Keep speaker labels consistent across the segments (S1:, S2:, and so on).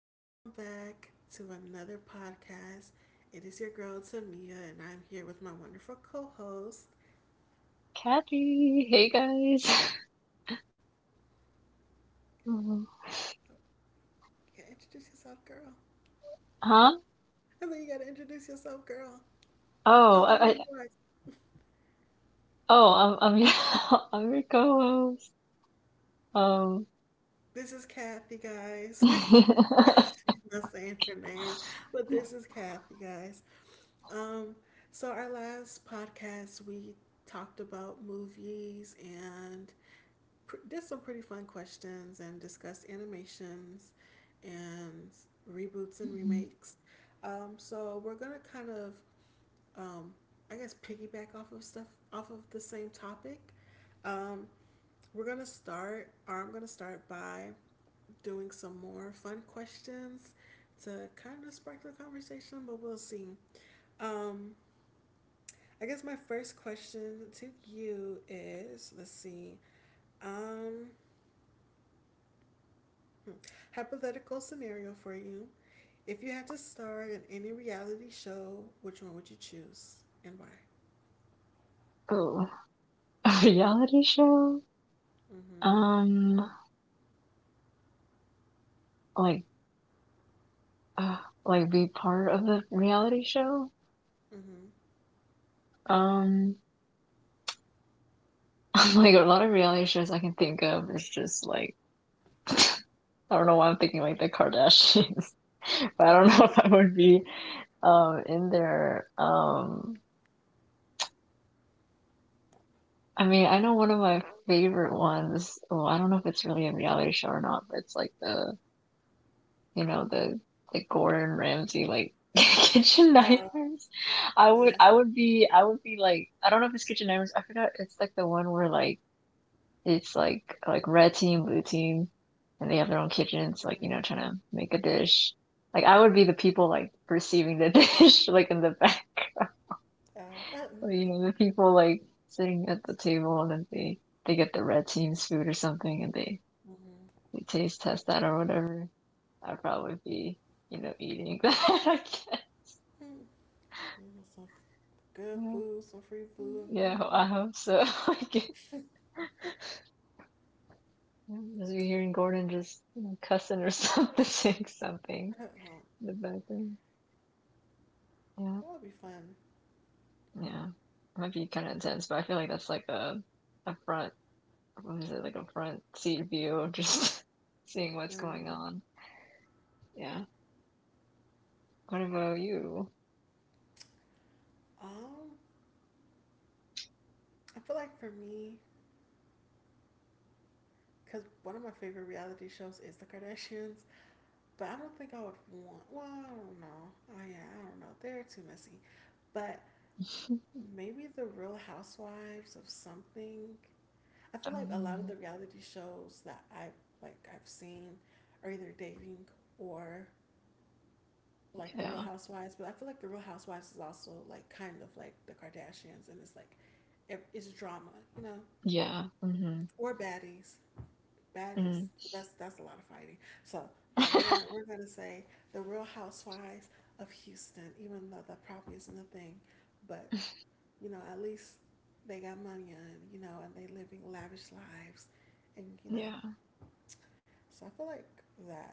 S1: welcome back to another podcast. It is your girl Tamia, and I'm here with my wonderful co host.
S2: Kathy, hey guys. Um,
S1: You gotta introduce yourself, girl.
S2: huh?
S1: I know you gotta introduce yourself, girl.
S2: Oh,
S1: Tell them who
S2: I
S1: you are.
S2: Oh, I'm your I'm your co-host. Um,
S1: This is Kathy, guys. She's not saying her name, but this is Kathy, guys. Um, so our last podcast, we talked about movies and did some pretty fun questions and discussed animations and reboots and remakes. So we're gonna kind of, um, I guess, piggyback off of stuff off of the same topic. Um, we're gonna start. Or I'm gonna start by doing some more fun questions to kind of spark the conversation, but we'll see. Um, I guess my first question to you is let's see, um, hmm, hypothetical scenario for you. If you had to star in any reality show, which one would you choose and why?
S2: oh, a reality show?
S1: Mm-hmm.
S2: Um, like uh, like be part of the reality show?
S1: Mm-hmm.
S2: Um, like, a lot of reality shows I can think of is just like, I don't know why I'm thinking like the Kardashians, but I don't know
S1: Oh,
S2: if I would be in there. I mean, I know one of my favorite ones. Well, I don't know if it's really a reality show or not, but it's like the, you know, the Gordon Ramsay, like, Kitchen
S1: oh,
S2: Nightmares. I would,
S1: oh,
S2: I would be, I would be like, I don't know if it's Kitchen Nightmares. I forgot. It's like the one where like it's like red team, blue team, and they have their own kitchens, like, you know, trying to make a dish. Like, I would be the people like receiving the dish, like in the back.
S1: oh, uh,
S2: Or,
S1: not
S2: you
S1: the.
S2: know, the people like sitting at the table, and then they get the red team's food or something, and they
S1: Mm-hmm.
S2: they taste test that or whatever. I'd probably be, you know, eating that.
S1: Mm, you some good
S2: Yeah,
S1: food, some free food.
S2: yeah,
S1: Mm-hmm.
S2: I hope so. Like, as you hearing Gordon just, you know, cussing or something, saying something
S1: No.
S2: in the background.
S1: That
S2: Yeah,
S1: would be fun.
S2: yeah, it might be kind of intense, but I feel like that's like a front. What is it, like a front seat view of just seeing what's going
S1: Mm.
S2: on? Yeah. What about you?
S1: Um, I feel like for me, because one of my favorite reality shows is The Kardashians, but I don't think I would want. Well, I don't know. Oh yeah, I don't know. They're too messy. But maybe The Real Housewives of something. I feel like a lot of the
S2: Um,
S1: reality shows that I like I've seen are either dating or like The Real
S2: yeah,
S1: Housewives. But I feel like The Real Housewives is also like kind of like The Kardashians, and it's like it's drama, you know.
S2: yeah, mm-hmm,
S1: Or baddies. Baddies.
S2: mm.
S1: That's a lot of fighting. So no, we're gonna we're gonna say the Real Housewives of Houston, even though that probably isn't a thing, but you know at least they got money on you know and they living lavish lives, and you know
S2: Yeah,
S1: so I feel like that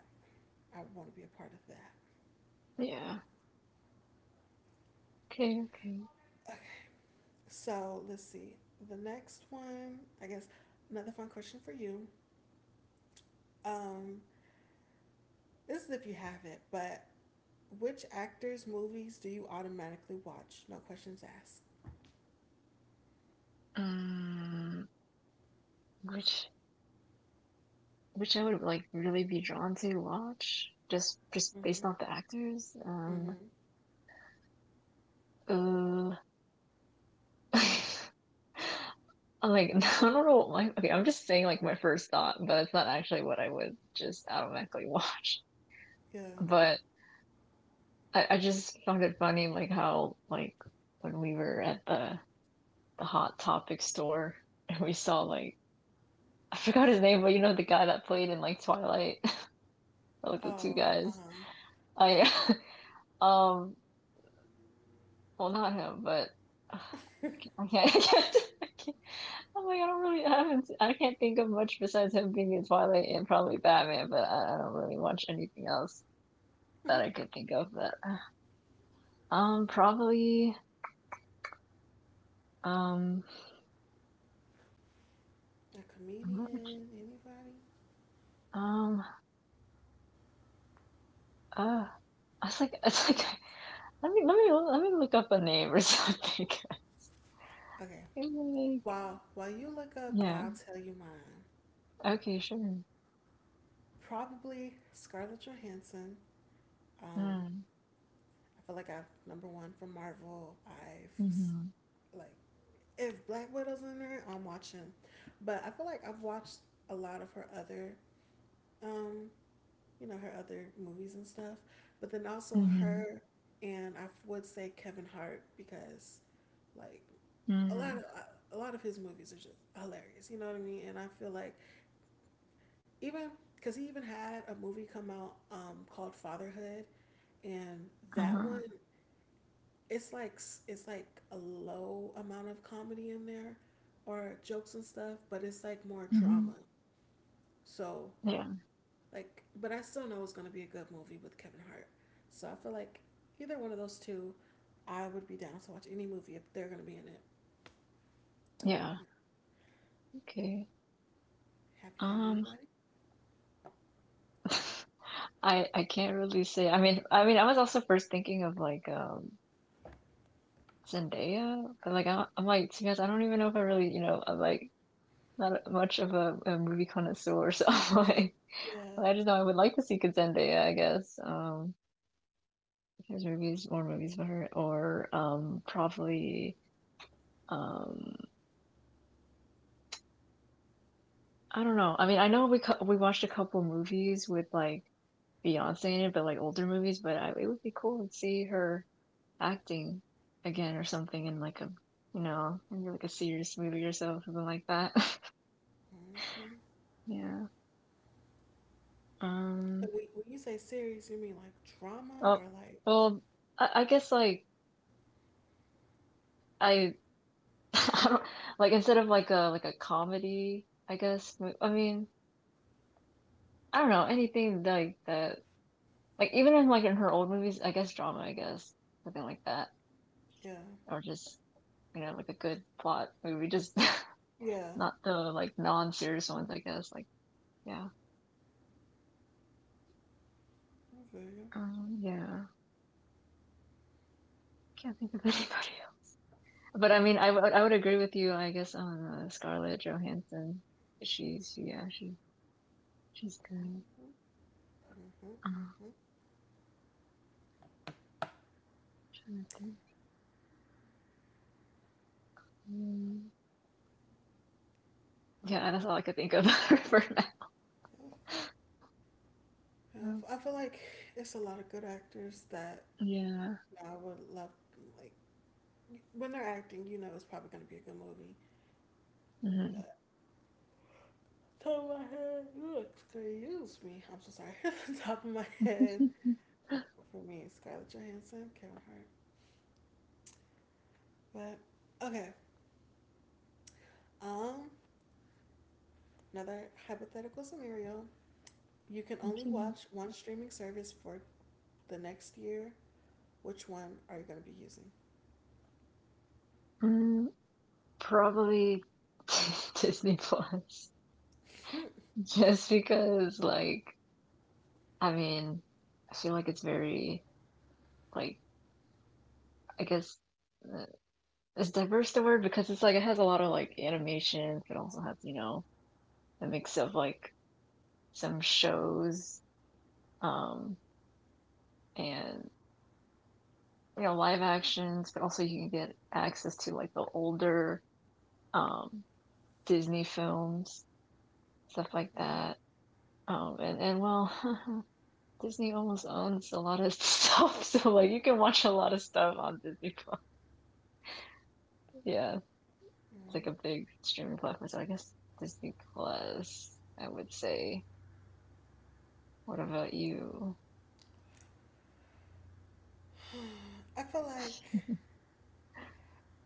S1: I would want to be a part of that.
S2: yeah, okay, okay.
S1: Okay. So let's see. The next one, I guess, another fun question for you. Um, this is if you have it, but which actors' movies do you automatically watch? No questions asked.
S2: Um, which which I would like really be drawn to watch just
S1: Mm-hmm.
S2: based off the actors.
S1: Mm-hmm.
S2: Uh, I'm like, I don't know. Like, okay, I'm just saying like my first thought, but it's not actually what I would just automatically watch.
S1: Yeah.
S2: But I just found it funny like how like when we were at the Hot Topic store, and we saw like, I forgot his name, but you know the guy that played in like Twilight, like the two
S1: Oh. Uh
S2: guys.
S1: huh.
S2: I um, well, not him, but uh, I can't, I can't. I'm like, I don't really, I haven't, I can't think of much besides him being in Twilight and probably Batman, but I don't really watch anything else
S1: Mm-hmm.
S2: that I could think of that. Um, probably, um,
S1: A comedian? Anybody?
S2: um, uh, I was like, it's like, let me look up a name or something.
S1: Okay.
S2: Like,
S1: While you look up,
S2: yeah,
S1: I'll tell you mine.
S2: okay, sure.
S1: Probably Scarlett Johansson. Um,
S2: Mm,
S1: I feel like I've number one from Marvel.
S2: hmm, mm-hmm.
S1: Like if Black Widow's in there, I'm watching. But I feel like I've watched a lot of her other um you know, her other movies and stuff. But then also
S2: Mhm.
S1: her and I would say Kevin Hart because like a lot
S2: Mm.
S1: of a lot of his movies are just hilarious. You know what I mean? And I feel like even because he even had a movie come out called Fatherhood, and that
S2: Uh-huh.
S1: one it's like a low amount of comedy in there or jokes and stuff, but it's like more drama.
S2: Mhm.
S1: So
S2: Yeah.
S1: like, but I still know it's gonna be a good movie with Kevin Hart. So I feel like either one of those two, I would be down to watch any movie if they're gonna be in it.
S2: Yeah. Okay.
S1: Have you found
S2: Um,
S1: anybody?
S2: I can't really say. I mean, I was also first thinking of like Zendaya, but like, I'm like, to be honest, I don't even know if I really, you know, I'm like not a- much of a movie connoisseur, so I'm like,
S1: Yeah.
S2: I just know I would like to see Zendaya, I guess. There's movies, more movies about her, or probably. um. I don't know. I mean, I know we watched a couple movies with like Beyonce in it, but like older movies. But I, it would be cool to see her acting again or something in like a, you know, maybe like a serious movie or so, something like that.
S1: Mm-hmm.
S2: Yeah.
S1: And
S2: Um.
S1: when you say series, you mean like drama
S2: Oh.
S1: or like,
S2: Well, I guess like I I don't like instead of like a comedy. I guess I mean, I don't know anything like that. Like, even in like in her old movies, I guess drama. I guess something like that,
S1: yeah,
S2: or just, you know, like a good plot movie, just
S1: yeah.
S2: not the like non-serious ones, I guess. Like, yeah,
S1: I feel you.
S2: yeah, can't think of anybody else. But I mean, I would agree with you, I guess, on Scarlett Johansson. She's, yeah, she's good.
S1: Mhm,
S2: Uh,
S1: mhm.
S2: trying to think. Hmm. Yeah, that's all I could think of for
S1: Yeah,
S2: now.
S1: I feel like it's a lot of good actors that
S2: Yeah.
S1: I would love. Like when they're acting, you know, it's probably gonna be a good movie.
S2: Mhm.
S1: But top of my head, you excuse me. I'm so sorry. Top of my head for me, Scarlett Johansson, Kevin Hart. But okay, um, another hypothetical scenario. You can only
S2: Okay.
S1: watch one streaming service for the next year. Which one are you going to be using?
S2: Mm, probably Disney Plus. Just because, like, I mean, I feel like it's very, like, I guess, uh, is diverse the word, because it's like it has a lot of like animation, but it also has, you know, a mix of like some shows um and, you know, live actions, but also you can get access to like the older um Disney films, stuff like
S1: Yeah.
S2: that. And well, Disney almost owns a lot of stuff, so like you can watch a lot of stuff on Disney Plus. Yeah. It's like a
S1: Mm.
S2: big streaming platform, so I guess Disney Plus, I would say. What about you?
S1: I feel like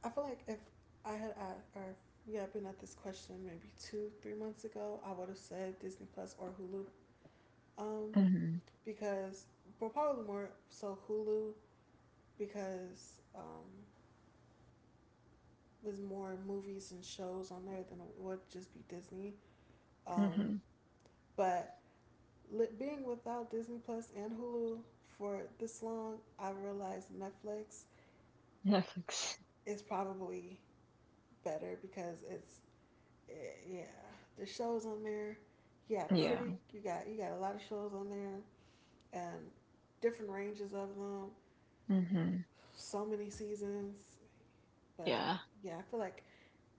S1: I feel like if I had a- or we had been at this question maybe two, three months ago, I would have said Disney Plus or Hulu. Um,
S2: Hmm.
S1: because, but probably more so Hulu because there's more movies and shows on there than it would just be Disney. Um,
S2: Hmm.
S1: but being without Disney Plus and Hulu for this long, I realized Netflix
S2: Netflix.
S1: is probably better because it's eh, yeah the shows on there. Yeah, pretty.
S2: Yeah.
S1: You got a lot of shows on there and different ranges of them.
S2: Hmm.
S1: So many seasons, but
S2: Yeah.
S1: yeah, I feel like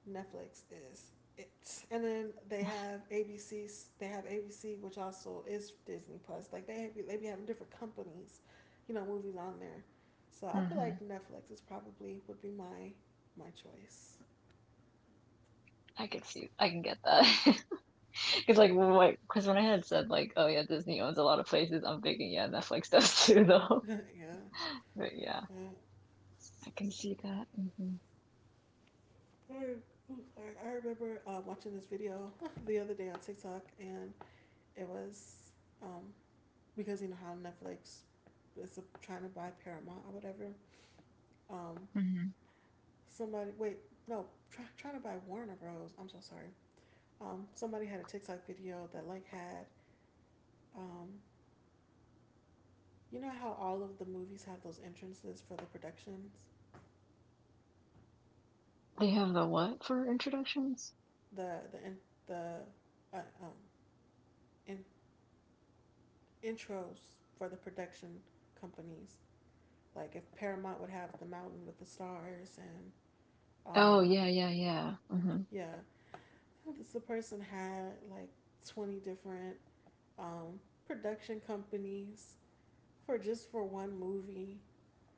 S1: Netflix is it. And then they have ABC. They have ABC, which also is Disney Plus. Like they have, they be having different companies, you know, movies on there. So I feel
S2: Hmm.
S1: like Netflix is probably would be my choice.
S2: I could see, I can get that. Because, like,
S1: Mm.
S2: what, because when I had said, like, oh yeah, Disney owns a lot of places, I'm thinking, yeah, Netflix does too, though.
S1: Yeah.
S2: But yeah,
S1: Yeah.
S2: I can see that. Hmm.
S1: I remember watching this video the other day on TikTok, and it was um, because you know how Netflix is trying to buy Paramount or whatever. Um,
S2: Hmm.
S1: somebody wait no try, trying to buy Warner Bros. I'm so sorry. Somebody had a TikTok video that like had um, you know how all of the movies have those entrances for the productions,
S2: They have the what for introductions?
S1: the the in, the uh, um, in, intros for the production companies. Like if Paramount would have the mountain with the stars and um,
S2: Oh, yeah, yeah, yeah. Hmm.
S1: yeah, this the person had like 20 different um, production companies for just for one movie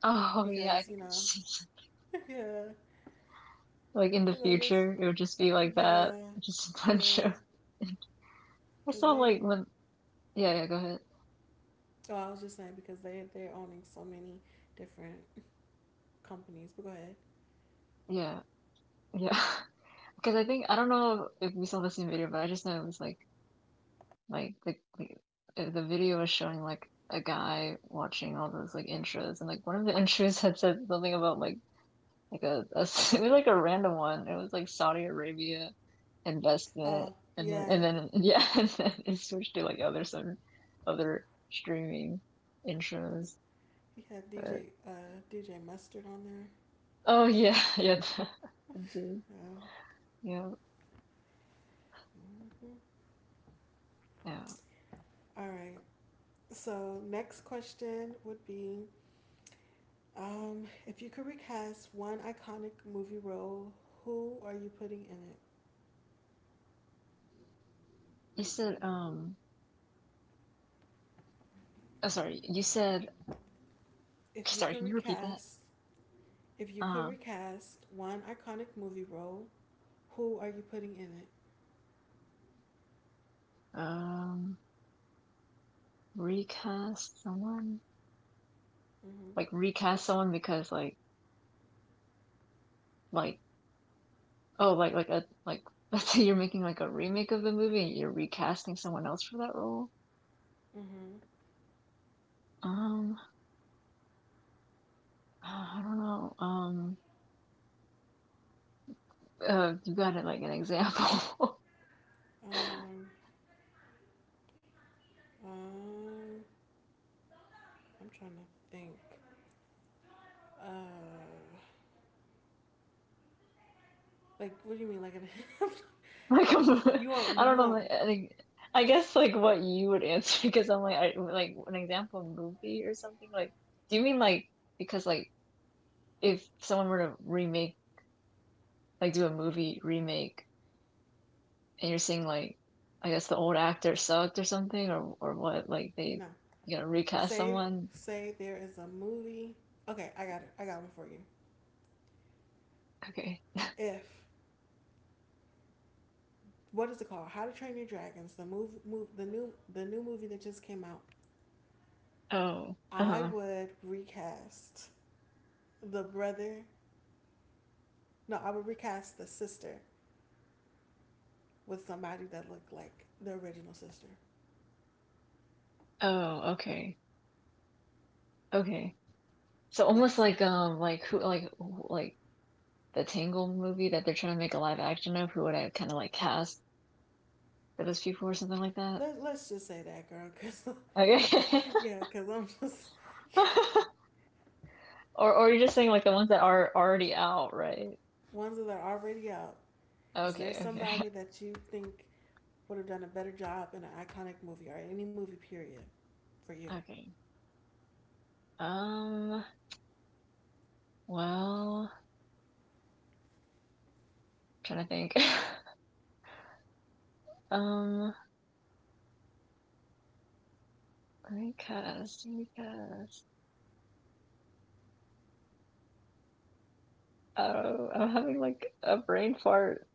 S2: Oh, yeah, I
S1: because you
S2: think I've
S1: know,
S2: seen,
S1: yeah,
S2: like, in the
S1: because of this,
S2: future, it would just be like that.
S1: yeah,
S2: Just a bunch
S1: yeah,
S2: of. I
S1: because
S2: saw like
S1: they.
S2: when. Yeah, yeah, go ahead.
S1: Oh, I was just saying because they they're owning so many different companies. But go ahead.
S2: Yeah, yeah. Because I think, I don't know if we saw the same video, but I just know it was like like the the, the video was showing like a guy watching all those like intros, and like one of the intros had said something about like like a it was like a random one. It was like Saudi Arabia investment,
S1: Oh
S2: and then,
S1: yeah,
S2: yeah, and then it switched to like other, some other streaming intros.
S1: he had
S2: But.
S1: DJ Mustard on there.
S2: Oh yeah, yeah, the, yeah, yeah.
S1: All right. So next question would be, if you could recast one iconic movie role, who are you putting in it?
S2: You said oh, sorry. You said
S1: If you
S2: Sorry,
S1: could
S2: can you repeat that?
S1: recast, if you could
S2: Uh,
S1: recast one iconic movie role, who are you putting in it?
S2: um, recast someone,
S1: Mm-hmm.
S2: like recast someone because like, oh, like a, like, let's say you're making like a remake of the movie and you're recasting someone else for that role.
S1: Mm-hmm.
S2: Um, I don't know. You got it, like an example?
S1: Um, um, I'm trying to think. Uh, like, what do you mean?
S2: Like, I'm,
S1: You want
S2: I
S1: me?
S2: don't
S1: You
S2: know.
S1: want
S2: Like, I think, I guess like what you would answer, because I'm like like an example movie or something. Like, do you mean like, because like, if someone were to remake, like do a movie remake, and you're seeing like, I guess the old actor sucked or something, or what, like they,
S1: no?
S2: you know, recast
S1: Say,
S2: someone.
S1: say there is a movie. Okay, I got it. I got one for you.
S2: Okay.
S1: If what is it called? How to Train Your Dragons, the move, move, the new movie that just came out.
S2: Oh.
S1: I
S2: Uh-huh.
S1: would recast the brother. No, I would recast the sister with somebody that looked like the original sister.
S2: Oh. Okay. Okay. So almost
S1: Yes.
S2: like who, like like the Tangled movie that they're trying to make a live action of. Who would I kind of like cast for those people or something like that?
S1: Let, let's just say that, girl, because
S2: Okay.
S1: Yeah, because I'm just
S2: Or you're just saying like the ones that are already out, right?
S1: ones that are already out. Is there
S2: Okay, okay.
S1: somebody that you think would have done a better job in an iconic movie or any movie period for you?
S2: Okay. Um, well, I'm trying to think. Um, recast, recast. Oh, I'm having like a brain fart.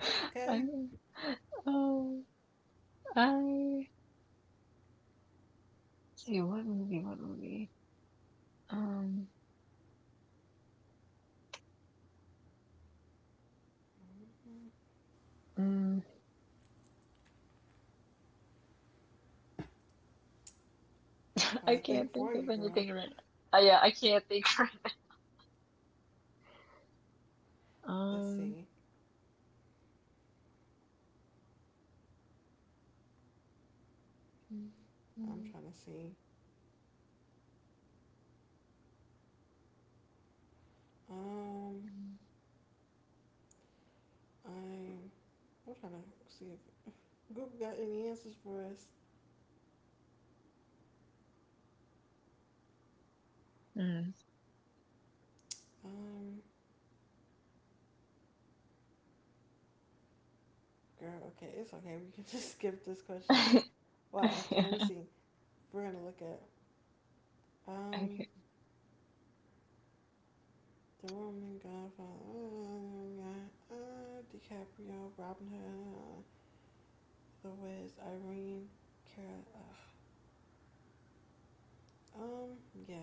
S1: That's okay.
S2: I'm, oh, I see, what movie, what movie? Um,
S1: Mm,
S2: mm,
S1: I'm
S2: I
S1: trying to think
S2: can't think
S1: for you,
S2: of
S1: girl.
S2: anything right now. Yeah, I can't think right now.
S1: Let's see.
S2: Mm.
S1: I'm
S2: Mm,
S1: trying to see. Um,
S2: mm.
S1: I'm. I'm trying to see if Google got any answers for us.
S2: Mm.
S1: Um, girl. Okay, it's okay. We can just skip this question. Well, actually, let me
S2: Yeah.
S1: see. We're gonna look at. Um,
S2: Okay.
S1: The Roman Godfather, DiCaprio, Robin Hood, Lewis, Irene, Cara. Uh, um, yeah.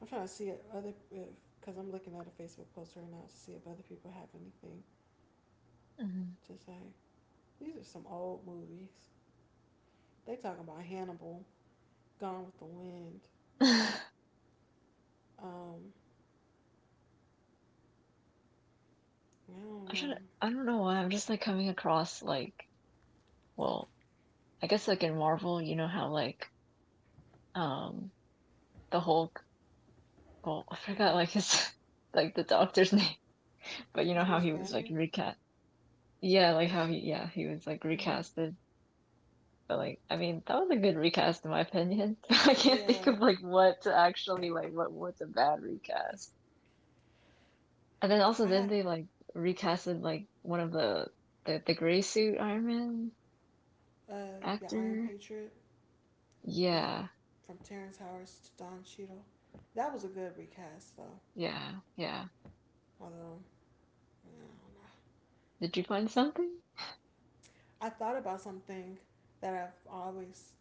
S1: I'm trying to see if other because I'm looking at a Facebook post right now to see if other people have anything
S2: Mm.
S1: to say. These are some old movies. They talk about Hannibal, Gone with the Wind.
S2: I'm
S1: Um, I don't
S2: trying
S1: know.
S2: to, I don't know why I'm just like coming across like, well, I guess like in Marvel, you know how like um the Hulk, well, I forgot
S1: Hmm.
S2: like his like the doctor's name, but you know how
S1: Bruce
S2: he was like
S1: Banner.
S2: recast. Yeah, like how he, yeah, he was like
S1: Hmm.
S2: recasted. But like, I mean, that was a good recast in my opinion. I can't
S1: Yeah,
S2: think of like what to actually, like what, what's a bad recast. And then
S1: I
S2: also, didn't
S1: had
S2: they like recasted like one of the, gray suit Iron Man
S1: uh, the Iron
S2: actor?
S1: Patriot with
S2: Yeah,
S1: from Terrence Howard to Don Cheadle. That was a good recast, though.
S2: yeah, yeah.
S1: Although, I don't know.
S2: Did you find something?
S1: I thought about something that I've always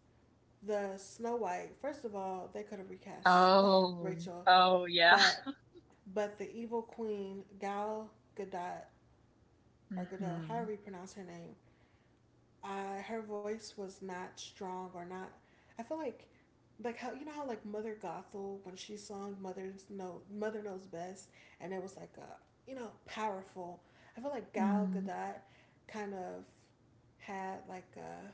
S1: the Snow White. First of all, they could have recast
S2: Oh,
S1: Rachel,
S2: oh yeah.
S1: but but the evil queen Gal Gadot or Gadot,
S2: Mm-hmm,
S1: however you pronounce her name, her voice was not strong or not. I feel like how you know how like Mother Gothel when she sung "Mother's No Mother Knows Best" and it was like a you know powerful. I feel like Gal
S2: mm-hmm,
S1: Gadot kind of had like a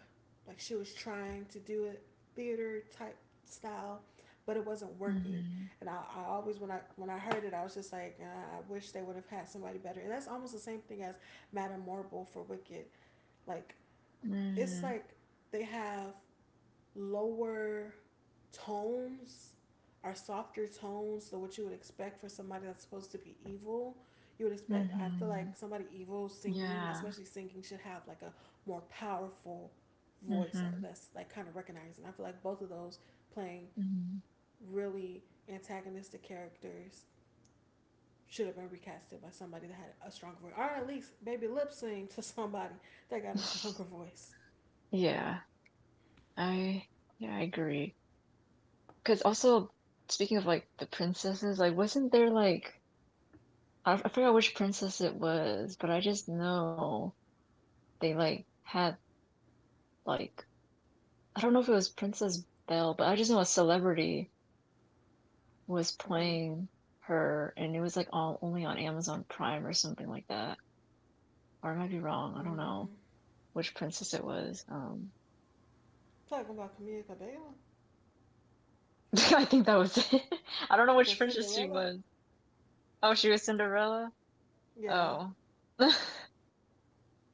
S1: like she was trying to do it theater type style, but it wasn't working.
S2: mm-hmm,
S1: And I always when I heard it, I was just like, I wish they would have had somebody better. And that's almost the same thing as Madame Marble for Wicked. Like it's
S2: mm,
S1: like they have lower tones or softer tones than what you would expect for somebody that's supposed to be evil. You would expect, I feel
S2: mm-hmm,
S1: like somebody evil singing,
S2: yeah,
S1: especially singing, should have like a more powerful voice or
S2: mm-hmm,
S1: that's like kind of recognizing. I feel like both of those playing
S2: mm-hmm.
S1: really antagonistic characters should have been recasted by somebody that had a stronger voice, or at least maybe lip sync to somebody that got a stronger voice.
S2: Yeah, I yeah, I agree. Because also, speaking of like the princesses, like wasn't there like, I forgot which princess it was, but I just know they like had like, I don't know if it was Princess Belle, but I just know a celebrity was
S1: Mm-hmm.
S2: playing her, and it was like all only on Amazon Prime or something like that. Or I might be wrong. I don't know
S1: Mm.
S2: which princess it was.
S1: Talking about Camila Cabello
S2: I think that was it. I don't know which
S1: for
S2: princess she
S1: Cinderella.
S2: was. Oh, she was Cinderella.
S1: Yeah,
S2: Oh.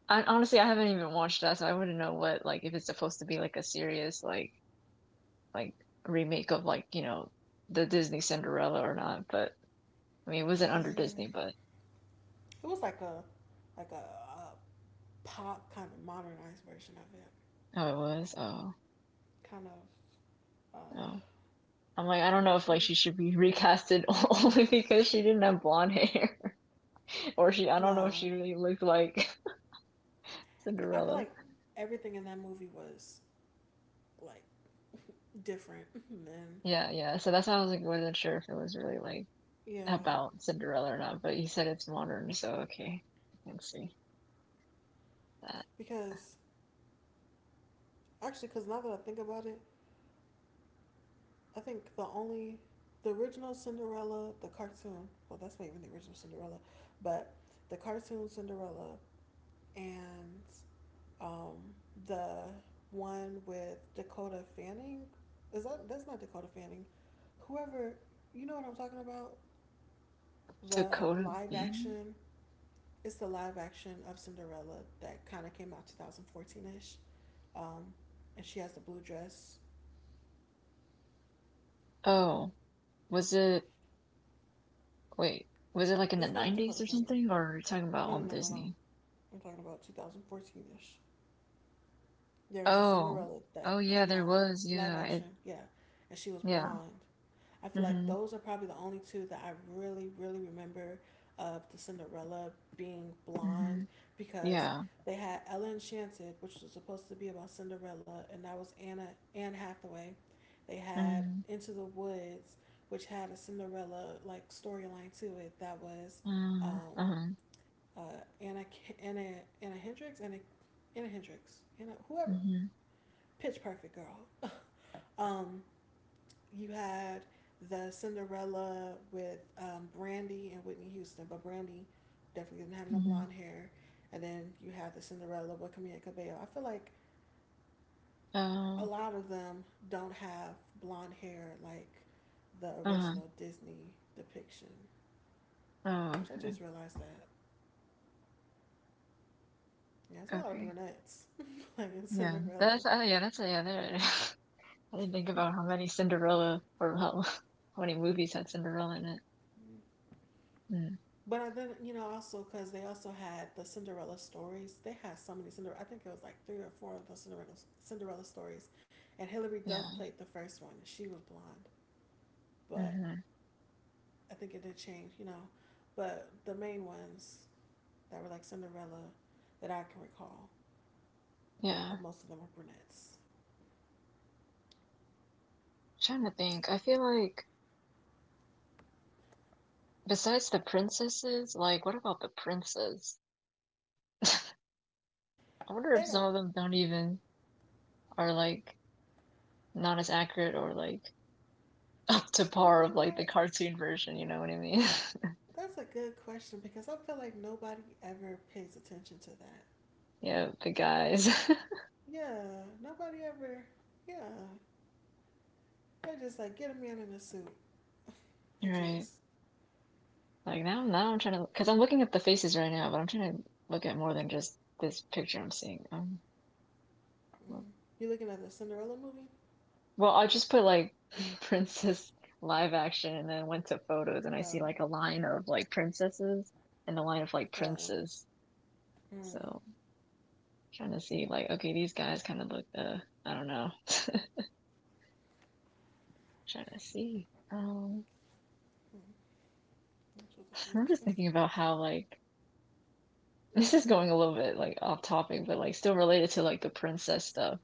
S2: I, honestly, I haven't even watched that, so I wouldn't know what, like if it's supposed to be like a serious like remake of like, you know, the Disney Cinderella or not. But I mean, it wasn't under Disney,
S1: mm.
S2: but
S1: It was like a a pop kind of modernized version of it,
S2: oh, it was. Oh,
S1: kind of
S2: oh.
S1: uh,
S2: I'm like, I don't know if like
S1: culture.
S2: she should be recasted only because she didn't have blonde hair, or she, I don't know if
S1: No,
S2: she really looked like
S1: I feel
S2: Cinderella.
S1: like everything in that movie was like different Then
S2: Yeah, yeah. So that's why I was like, wasn't sure if it was really like
S1: yeah
S2: about Cinderella or not. But you said it's modern, so okay, I can see that.
S1: because actually because now that I think about it, I think the only the original Cinderella, the cartoon. Well, that's not even the original Cinderella, but the cartoon Cinderella and um, the one with Dakota Fanning. Is that? That's not Dakota Fanning? Whoever. You know what I'm talking about? The
S2: Dakota
S1: live
S2: Fanning.
S1: action. It's the live action of Cinderella that kind of came out 2014 ish. Um, and she has the blue dress.
S2: Oh, was it? Wait, was it like in the
S1: It's not Dakota
S2: 90s or
S1: Fanning.
S2: something? Or are you talking about
S1: No, no,
S2: on
S1: no, no, no.
S2: Disney?
S1: I'm talking about 2014 ish. There's a
S2: Oh,
S1: Cinderella that
S2: oh yeah,
S1: came
S2: there
S1: out
S2: was.
S1: live
S2: Yeah, it.
S1: action, yeah, and she was
S2: Yeah.
S1: blonde. I feel like
S2: Mm-hmm.
S1: those are probably the only two that I really, really remember of the Cinderella being blonde
S2: Mhm.
S1: because
S2: Yeah.
S1: they had Ella Enchanted, which was supposed to be about Cinderella, and that was Anna Anne Hathaway. They had
S2: Mm.
S1: Into the Woods, which had a Cinderella like storyline to it that was
S2: Uh,
S1: um,
S2: uh-huh.
S1: uh, Anna Anna Anna Hendricks Anna whoever
S2: Mhm.
S1: Pitch Perfect girl. Um, you had the Cinderella with Brandy and Whitney Houston, but Brandy definitely didn't have no
S2: Mhm.
S1: blonde hair. And then you had the Cinderella with Camila Cabello. I feel like a
S2: Oh.
S1: lot of them don't have blonde hair like the
S2: Uh-huh.
S1: original Disney depiction,
S2: Oh,
S1: which I
S2: okay.
S1: just realized that. Yeah, it's a lot of
S2: Okay.
S1: brunettes like in
S2: Yeah.
S1: Cinderella.
S2: That's, yeah, that's, yeah, there it is. I didn't think about how many Cinderella or how, how many movies had Cinderella in it. Mm.
S1: But I then also because they also had the Cinderella stories. They had so many Cinderella. I think it was like three or four of those Cinderella stories, and Hilary Duff
S2: Yeah.
S1: played the first one. She was blonde, but
S2: Mm-hmm.
S1: I think it did change. You know, but the main ones that were like Cinderella that I can recall,
S2: Yeah.
S1: most of them are brunettes.
S2: Trying to think. I feel like besides the princesses, like what about the princes? I wonder if
S1: They
S2: some
S1: don't.
S2: of them don't even are like not as accurate or like up to
S1: You
S2: par
S1: know
S2: of like the
S1: what?
S2: cartoon version, you know what I mean?
S1: That's a good question because I feel like nobody ever pays attention to that.
S2: Yeah, the guys.
S1: Yeah, nobody ever. Yeah, they're just like get a man in a suit. It's
S2: Right.
S1: just
S2: Like now I'm trying to, because I'm looking at the faces right now, but I'm trying to look at more than just this picture I'm seeing. Well,
S1: mm. You looking at the Cinderella movie?
S2: well, I just put like princess live action and then went to photos and I see
S1: Oh,
S2: like a line of like princesses and a line of like
S1: oh,
S2: princes. So
S1: mm.
S2: trying to see like, okay, these guys kind of look, I don't know. Trying to see.
S1: Mm. That's what I could
S2: I'm just
S1: have too.
S2: thinking about how like, this is going a little bit like off topic, but like still related to like the princess stuff.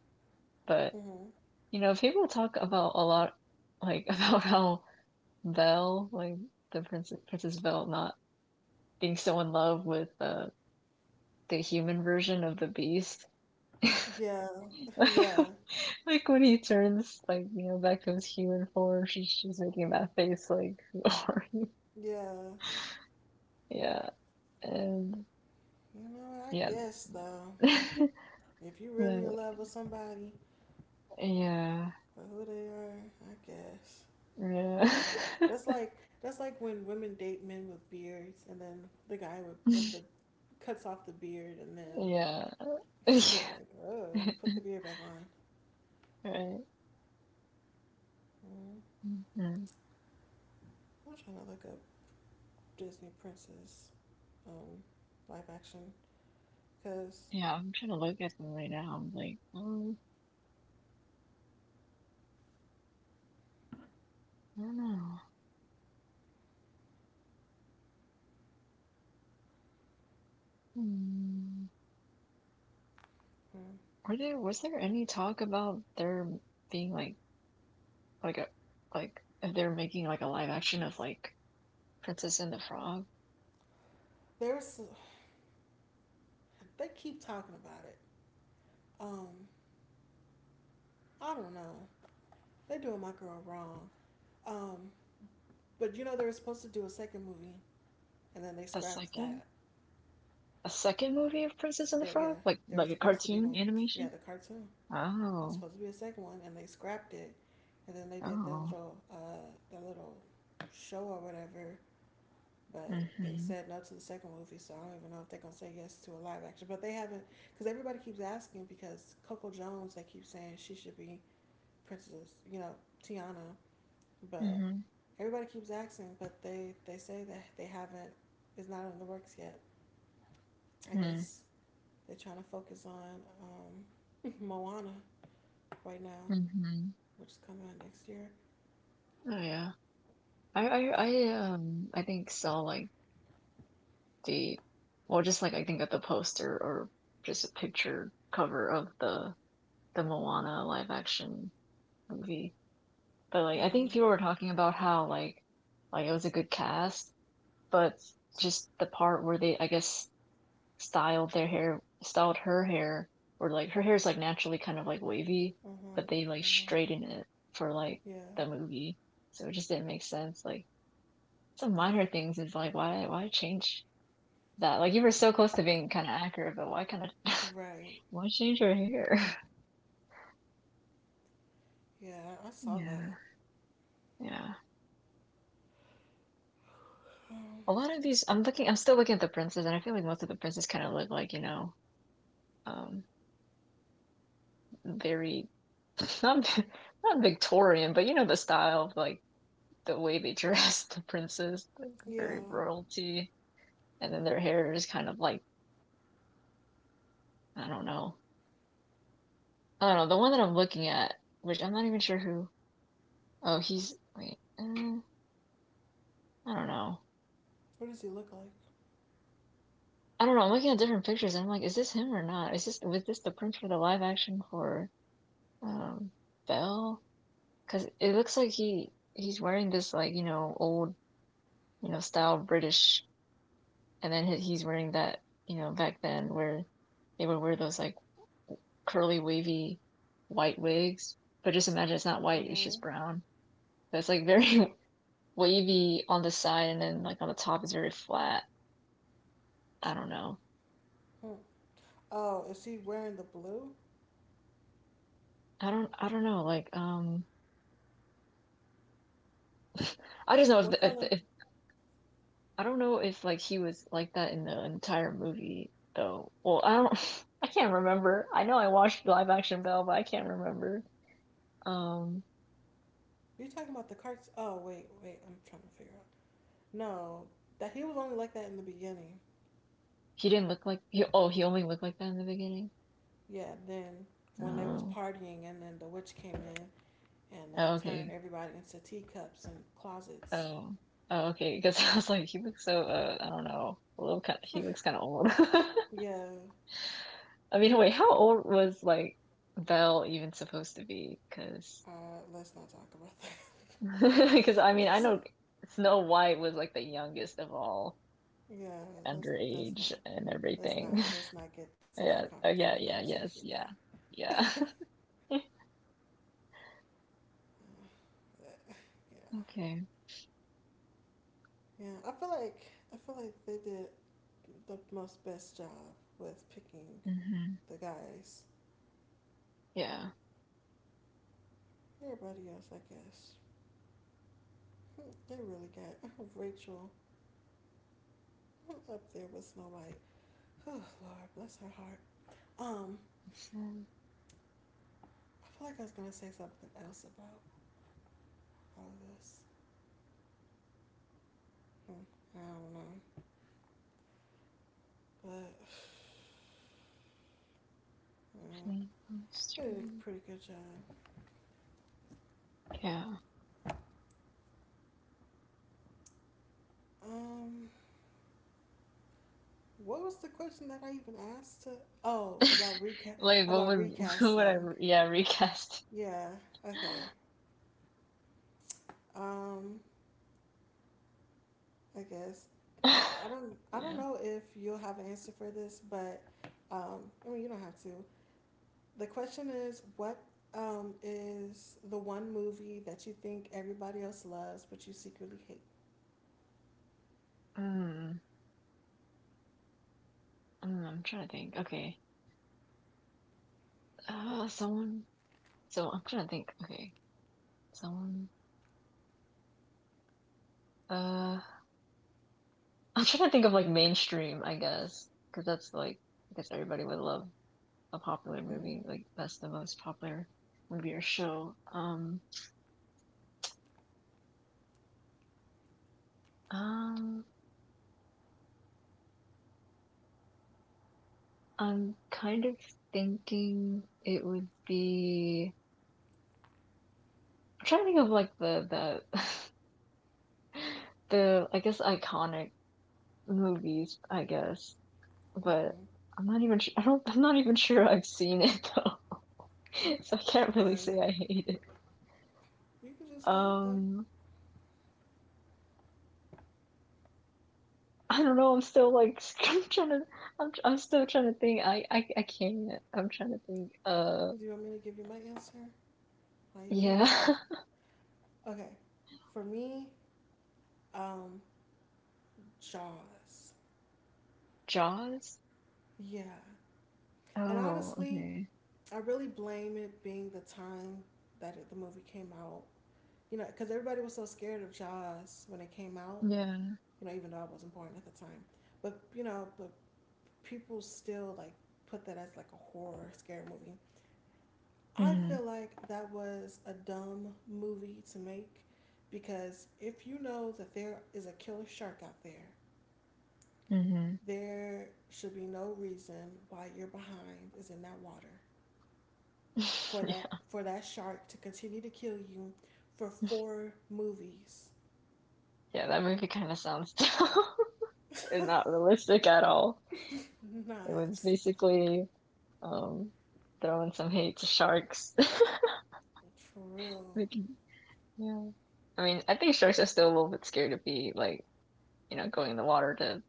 S2: But,
S1: Mm-hmm.
S2: people talk about a lot, like, about how Belle, like, the Princess Belle, not being so in love with the human version of the Beast.
S1: Yeah, yeah,
S2: Like, when he turns, like, back to his human form, she's making that face, like, who are you?
S1: yeah.
S2: Yeah. And,
S1: You know, I
S2: yeah.
S1: guess though,
S2: Like,
S1: if you really in love with somebody
S2: yeah.
S1: for who they are, I guess
S2: Yeah.
S1: that's like that's like when women date men with beards, and then the guy with the cuts off the beard, and then
S2: Yeah.
S1: they're like, "Oh, put the beard back on."
S2: Right.
S1: Mm.
S2: Yeah.
S1: I'm trying to look up Disney princess. um, live action because
S2: Yeah, I'm trying to look at them right now. I'm like, oh, I don't know. Hmm.
S1: mm,
S2: Were there was there any talk about there being like a like if they're making like a live action of like Princess and the Frog,
S1: there's they keep talking about it. Um, I don't know. They doing my girl wrong. Um, but you know they were supposed to do a second movie and then they
S2: a
S1: scrapped
S2: second
S1: that.
S2: a second
S1: Uh,
S2: movie of Princess and the
S1: There,
S2: Frog,
S1: yeah,
S2: like
S1: there was
S2: a
S1: supposed to be
S2: cartoon
S1: one. Yeah,
S2: animation?
S1: the cartoon. It was
S2: Oh,
S1: supposed to be a second one and they scrapped it. And then they did that
S2: oh,
S1: little uh, that little show or whatever. But they
S2: mm-hmm,
S1: said no to the second movie, so I don't even know if they're gonna say yes to a live action. But they haven't, because everybody keeps asking. Because Coco Jones, they keep saying she should be Princess, Tiana. But
S2: mm-hmm,
S1: everybody keeps asking. But they say that they haven't. It's not in the works yet. I
S2: mm-hmm.
S1: guess they're trying to focus on Moana right now,
S2: Mm-hmm.
S1: which is coming out next year.
S2: Oh yeah, I I
S1: But,
S2: I um I think saw like. The, well, just like I think at the poster or just a picture cover of the Moana live action movie. But like I think
S1: mm,
S2: people were talking about how like it was a good cast, but just the part where they I guess styled her hair or like her hair's like naturally kind of like wavy,
S1: mm-hmm,
S2: but they like
S1: mm-hmm.
S2: straightened it for like
S1: Yeah,
S2: the movie. So it just didn't make sense. Like some
S1: yeah,
S2: minor things is like why change that like you were so close to being kind of accurate, but why kind of
S1: right.
S2: why change your hair?
S1: Yeah, I saw that.
S2: Yeah, yeah. A lot of these, I'm looking, I'm still looking at the princes, and I feel like most of the princes kind of look like um, very not not Victorian, but the style of like the way they dress the princes, like
S1: Yeah,
S2: very royalty, and then their hair is kind of like I don't know, I don't know. The one that I'm looking at, which I'm not even sure who. Oh, he's wait, I don't know.
S1: what does he look like?
S2: I don't know. I'm looking at different pictures and I'm like, is this him or not? Is this was this the print for the live action for um Belle? Because it looks like he's wearing this like old style British, and then he's wearing that back then where they would wear those like curly wavy white wigs. But just imagine it's not white; it's just
S1: Mm-hmm.
S2: brown. But it's like very wavy on the side, and then like on the top is very flat. I don't know.
S1: Hmm. Oh, is he wearing the blue?
S2: I don't. I don't know. I just know if
S1: What
S2: the, if
S1: color?
S2: the, if I don't know if like he was like that in the entire movie though. Well, I don't I can't remember. I know I watched live action Belle, but I can't remember. Um
S1: You're talking about the carts? Oh, wait, wait. I'm trying to figure out. No, that he was only like that in the beginning.
S2: he didn't look like he, oh, he only looked like that in the beginning.
S1: Yeah, then when they was
S2: Oh.
S1: partying, and then the witch came in and then
S2: Oh,
S1: turned
S2: okay.
S1: everybody into teacups and closets.
S2: Oh. Oh, okay. Because I was like he looks so I don't know. A little kind of. He looks kind of old.
S1: Yeah.
S2: I mean, wait, how old was like Belle even supposed to be? Because
S1: Uh, let's not talk about that.
S2: because I mean, I know Snow White was like the youngest of all
S1: Yeah, let's let's
S2: underage
S1: not
S2: and
S1: let's not
S2: everything.
S1: let's not get to that
S2: Yeah. Oh,
S1: type of
S2: yeah, yeah,
S1: conversation,
S2: yes,
S1: girl.
S2: yeah. Yeah.
S1: Uh, yeah,
S2: Okay.
S1: yeah. I feel like they did the most best job with picking
S2: Mm-hmm.
S1: the guys.
S2: Yeah.
S1: Everybody else, I guess, they really got oh, Rachel up there with Snow White. Oh Lord, bless her heart. Um,
S2: Sad
S1: I feel like I was gonna say something else about all of this. I don't know, but uh,
S2: thing comes.
S1: they did a pretty good job.
S2: Yeah.
S1: Um, what was the question that I even asked? To oh, about recast
S2: Like what
S1: about
S2: would what would I
S1: recasting.
S2: yeah, recast.
S1: Yeah. Okay. Um, I guess
S2: Yeah.
S1: I don't know if you'll have an answer for this, but um, I mean you don't have to. The question is, what is the one movie that you think everybody else loves but you secretly hate?
S2: Mm, mm, I'm trying to think. Okay. Someone so I'm trying to think. Okay. Someone uh I'm trying to think of like mainstream, I guess, because that's like I guess everybody would love a popular
S1: Mhm.
S2: movie. Like that's the most popular movie or show. Um, I'm kind of thinking it would be. I'm trying to think of like the the I guess iconic movies. I guess,
S1: Mhm.
S2: but I'm not even. I don't. I'm not even sure I've seen it though, so I can't really
S1: Well,
S2: say I hate it.
S1: you can just say it though.
S2: Um, I don't know. I'm still like I'm trying to. I'm still trying to think. I can't. I'm trying to think.
S1: Do you want me to give you my answer? What do you think?
S2: Yeah.
S1: Okay. For me, um, Jaws.
S2: Jaws?
S1: Yeah. And
S2: Oh,
S1: honestly,
S2: okay.
S1: I really blame it being the time that the movie came out. Because everybody was so scared of Jaws when it came out,
S2: Yeah.
S1: even though I wasn't born at the time. But people still like put that as like a horror scary movie. I
S2: Mhm,
S1: feel like that was a dumb movie to make because if you know that there is a killer shark out there,
S2: mhm.
S1: there should be no reason why your behind is in that water for that
S2: Yeah,
S1: for that shark to continue to kill you for four movies.
S2: yeah, that movie kind of sounds dumb and not realistic at all. It
S1: Not.
S2: was basically um throwing some hate to sharks.
S1: For real.
S2: Making, yeah. I mean, I think sharks are still a little bit scared to be like, going in the water to,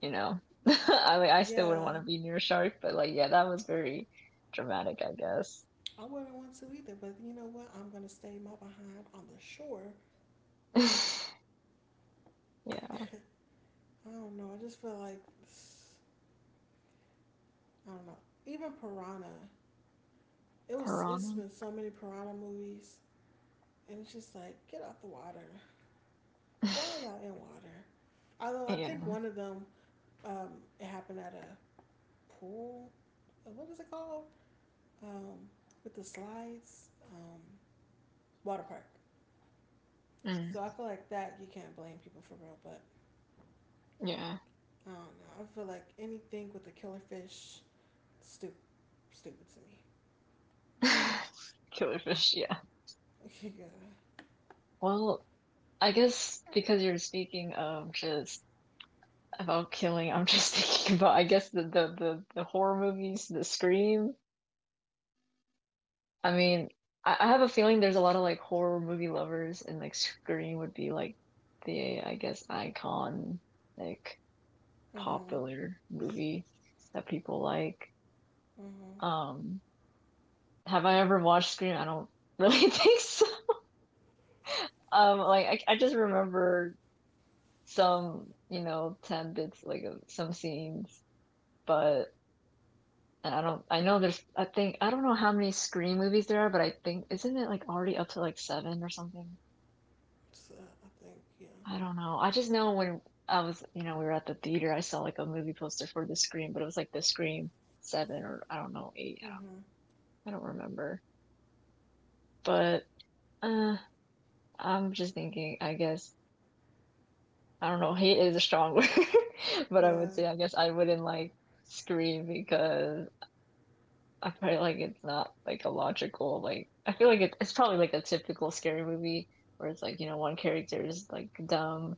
S2: you know. I mean, I still
S1: Yeah.
S2: wouldn't want to be near a shark, but like, yeah, that was very dramatic, I guess.
S1: I wouldn't want to either, but you know what? I'm gonna stay my behind on the shore.
S2: Yeah,
S1: I don't know. I just feel like I don't know. Even Piranha. It was. It's
S2: piranha.
S1: been so many Piranha movies, and it's just like get out the water. Why are y'all in water? Although I think
S2: Yeah.
S1: one of them, um, it happened at a pool. What is it called? Um, with the slides. Um, water park.
S2: Mm,
S1: So I feel like that you can't blame people for real, but
S2: yeah.
S1: I don't know. I feel like anything with a killer fish, stupid, stupid to
S2: Killer fish, yeah.
S1: me. Yeah.
S2: Well, I guess because you're speaking of just about killing, I'm just thinking about I guess the horror movies, the Scream. I mean, I have a feeling there's a lot of like horror movie lovers, and like Scream would be like the I guess icon like
S1: Mhm.
S2: popular movie that people like.
S1: Mhm.
S2: Um, have I ever watched Scream? I don't really think so. Like I just remember some 10 bits, like of some scenes, but and I don't I know there's I think I don't know how many Scream movies there are, but I think isn't it like already up to like seven or something?
S1: So I think yeah.
S2: I don't know. I just know when I was, we were at the theater, I saw like a movie poster for the Scream, but it was like the Scream seven or I don't know, eight, I
S1: Mhm.
S2: don't, I don't remember. But uh I'm just thinking, I guess I don't know, hate is a strong word, but I would
S1: Yeah.
S2: say I guess I wouldn't like Scream because I feel like it's not like a logical like I feel like it's probably like a typical scary movie where it's like you know one character is like dumb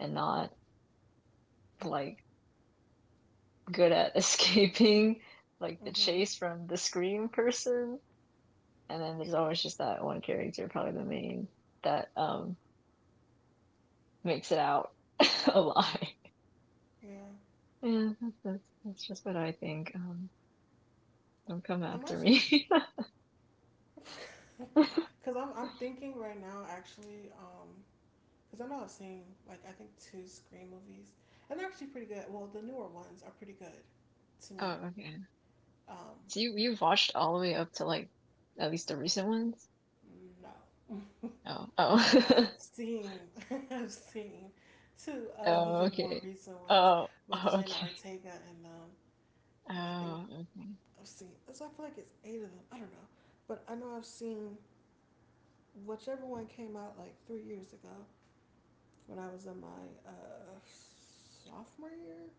S2: and not like good at escaping like the
S1: Mhm.
S2: chase from the scream person and then there's always just that one character probably the main that makes it out alive.
S1: Yeah.
S2: Yeah, that's just what I think. Don't come
S1: I'm
S2: after
S1: actually,
S2: me.
S1: cause I'm thinking right now actually, cause I know I've seen like I think two Scream movies, and they're actually pretty good. Well, the newer ones are pretty good to me.
S2: Oh, okay.
S1: Um,
S2: So you've watched all the way up to like at least the recent ones?
S1: no,
S2: Oh, oh,
S1: I've seen, I've seen two of
S2: oh,
S1: the more
S2: okay.
S1: recent ones
S2: Oh, oh,
S1: with Jenna
S2: okay.
S1: Ortega and them, and I think
S2: Oh, okay.
S1: I've seen. So I feel like it's eight of them. I don't know, but I know I've seen whichever one came out like 3 years ago when I was in my sophomore year.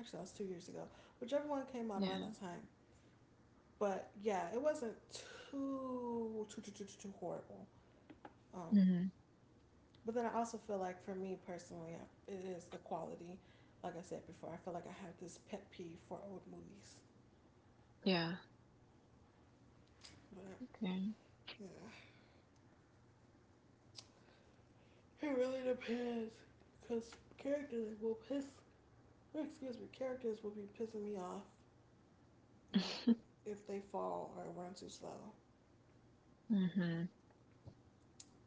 S1: Actually, that was 2 years ago. Whichever one came out around
S2: Yeah.
S1: that time. But yeah, it wasn't too, too horrible. Um,
S2: Mm-hmm.
S1: But then I also feel like for me personally, it is the quality. Like I said before, I feel like I have this pet peeve for old movies.
S2: Yeah.
S1: But
S2: Okay.
S1: yeah, it really depends because characters will piss. Excuse me, characters will be pissing me off. Like if they fall or run too slow.
S2: Mm-hmm.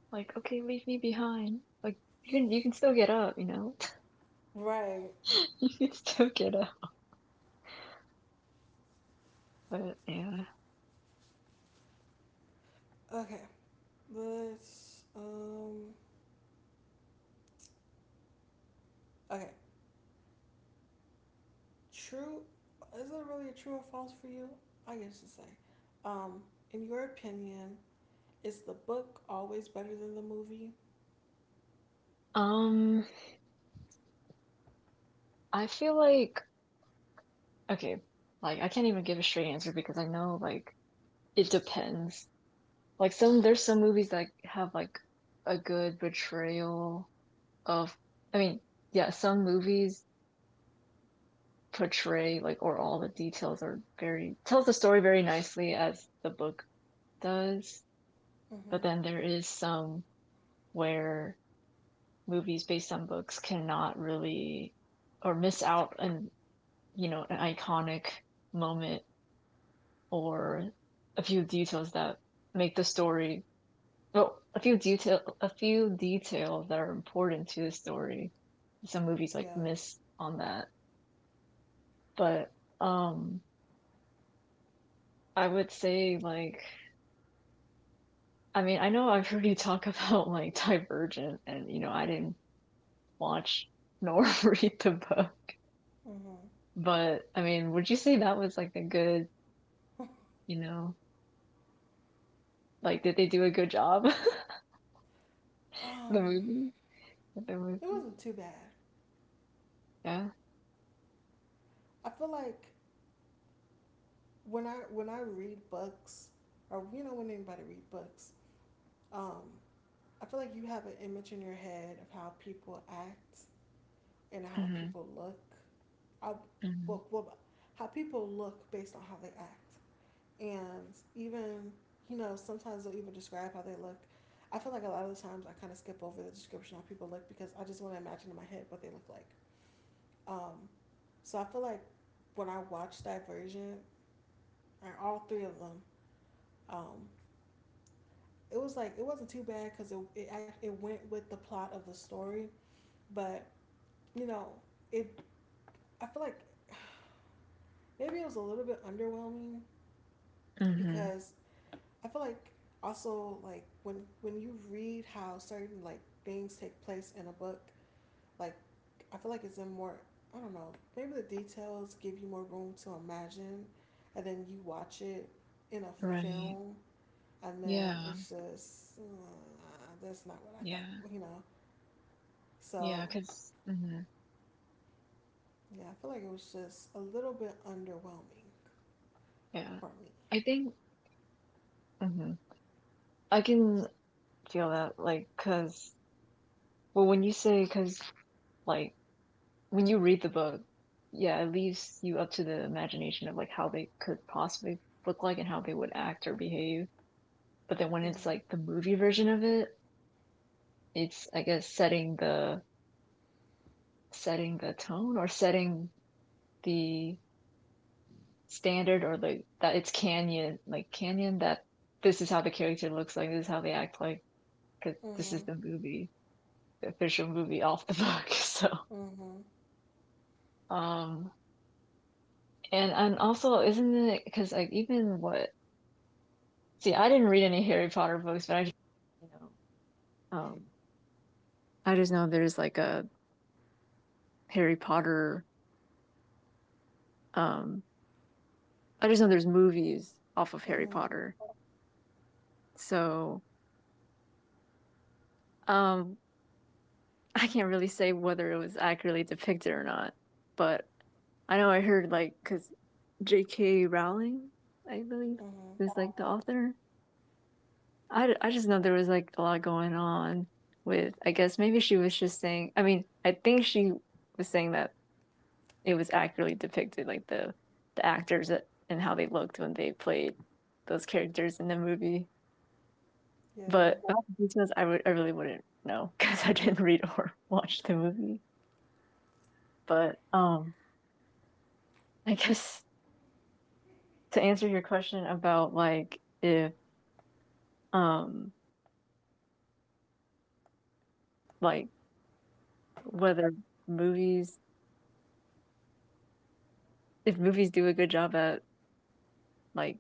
S2: Like, okay, leave me behind. Like, you can still get up, you know?
S1: Right.
S2: You can still get up. But yeah.
S1: Okay. Let's. Okay. True. Is it really a true or false for you? I guess to say. Um, in your opinion, is the book always better than the movie?
S2: Um, I feel like okay, like I can't even give a straight answer because I know like it depends. Like, some there's some movies that have, like, a good portrayal of, I mean, yeah, some movies portray, like, or all the details are very, tells the story very nicely as the book does. But
S1: Mm-hmm.
S2: then there is some where movies based on books cannot really, or miss out on, you know, an iconic moment or a few details that make the story, well, a few detail a few details that are important to the story. Some movies like
S1: Yeah.
S2: miss on that. But um I would say, like, I mean, I know I've heard you talk about like Divergent, and, you know, I didn't watch nor read the book.
S1: Mm-hmm.
S2: But I mean, would you say that was like a good, you know, like, did they do a good job? The
S1: Um,
S2: movie, the
S1: it
S2: movie,
S1: wasn't too bad.
S2: yeah.
S1: I feel like when I read books, or when anybody read books, um, I feel like you have an image in your head of how people act and how
S2: Hmm.
S1: people look. I,
S2: Hmm.
S1: what, what, how people look based on how they act. And even, sometimes they'll even describe how they look. I feel like a lot of the times I kind of skip over the description of how people look because I just want to imagine in my head what they look like. Um, so I feel like when I watched Divergent, or all three of them, um, it was like it wasn't too bad because it went with the plot of the story. But you know, it I feel like maybe it was a little bit underwhelming
S2: Hmm.
S1: because I feel like also like when you read how certain like things take place in a book, like I feel like it's in more I don't know, maybe the details give you more room to imagine and then you watch it in a
S2: Right.
S1: film and then
S2: Yeah.
S1: it's just that's not what I thought,
S2: Yeah.
S1: you know.
S2: Yeah.
S1: So,
S2: Because, hmm,
S1: yeah, I feel like it was just a little bit underwhelming
S2: yeah,
S1: for me.
S2: I think, hmm I can feel that, like, because, well, when you say, because, like, when you read the book, yeah, it leaves you up to the imagination of, like, how they could possibly look like and how they would act or behave. But then when it's
S1: Mhm.
S2: like the movie version of it, it's, I guess, setting the tone, or setting the standard, or the, that it's canon, like, canon that this is how the character looks like, this is how they act like, because this is
S1: Mhm.
S2: the movie, the official movie off the book. So,
S1: Mhm.
S2: um, and also isn't it because like even what, see, I didn't read any Harry Potter books, but I, just, you know, I just know there's like a Harry Potter. Um, I just know there's movies off of Harry
S1: Mhm.
S2: Potter, so um, I can't really say whether it was accurately depicted or not. But I know I heard like because J.K. Rowling, I believe,
S1: Mhm.
S2: was like the author. I just know there was like a lot going on with. I guess maybe she was just saying. I mean, I think she was saying that it was accurately depicted, like the actors and how they looked when they played those characters in the movie.
S1: Yeah.
S2: But about the details, I would, I really wouldn't know because I didn't read or watch the movie. But I guess to answer your question about like if um like whether movies, if movies do a good job at like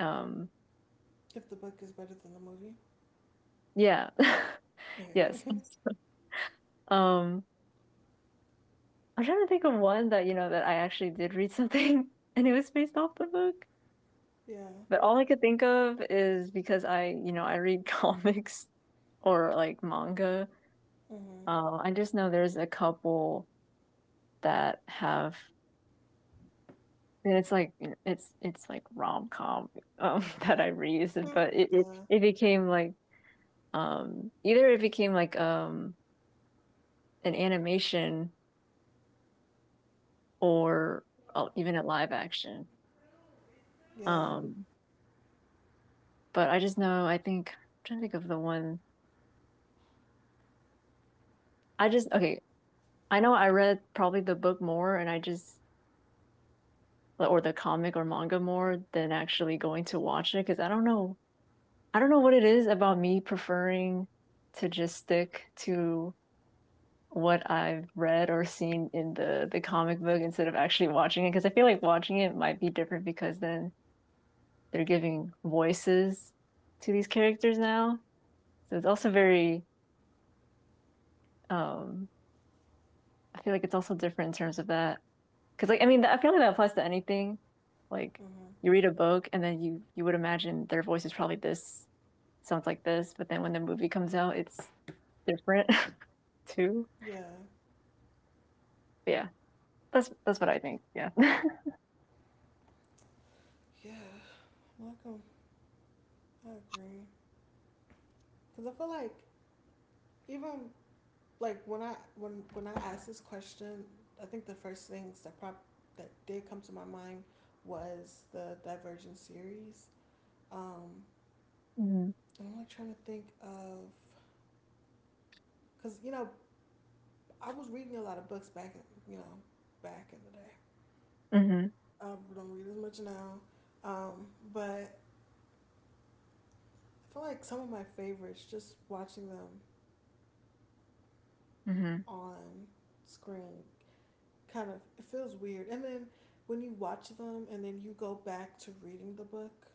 S2: um
S1: If the book is better than the movie.
S2: yeah yes um I'm trying to think of one that, you know, that I actually did read something and it was based off the book.
S1: Yeah.
S2: But all I could think of is because I, you know, I read comics or like manga.
S1: Mhm.
S2: I just know there's a couple that have, and it's like, you know, it's like rom com, that I read,
S1: Mm.
S2: but it, it
S1: Yeah.
S2: it became like either it became like an animation or even a live action.
S1: Yeah.
S2: Um, But I just know, I think I'm trying to think of the one. I just, okay, I know I read probably the book more and I just, or the comic or manga more than actually going to watch it cuz I don't know. I don't know what it is about me preferring to just stick to what I've read or seen in the comic book instead of actually watching it, because I feel like watching it might be different because then they're giving voices to these characters now. So it's also very um I feel like it's also different in terms of that. Because, like, I mean, I feel like that applies to anything. Like,
S1: Mhm.
S2: you read a book and then you would imagine their voice is probably this, sounds like this, but then when the movie comes out, it's different too.
S1: Yeah.
S2: But yeah, that's what I think. Yeah.
S1: Yeah. Welcome. I agree. Cause I feel like even like when I asked this question, I think the first things that did come to my mind was the Divergent series. Um,
S2: Hmm.
S1: and I'm like trying to think of because I was reading a lot of books back in the day.
S2: Hmm.
S1: I don't read as much now, um, but I feel like some of my favorites, just watching them
S2: Hmm.
S1: on screen, kind of it feels weird. And then when you watch them and then you go back to reading the book,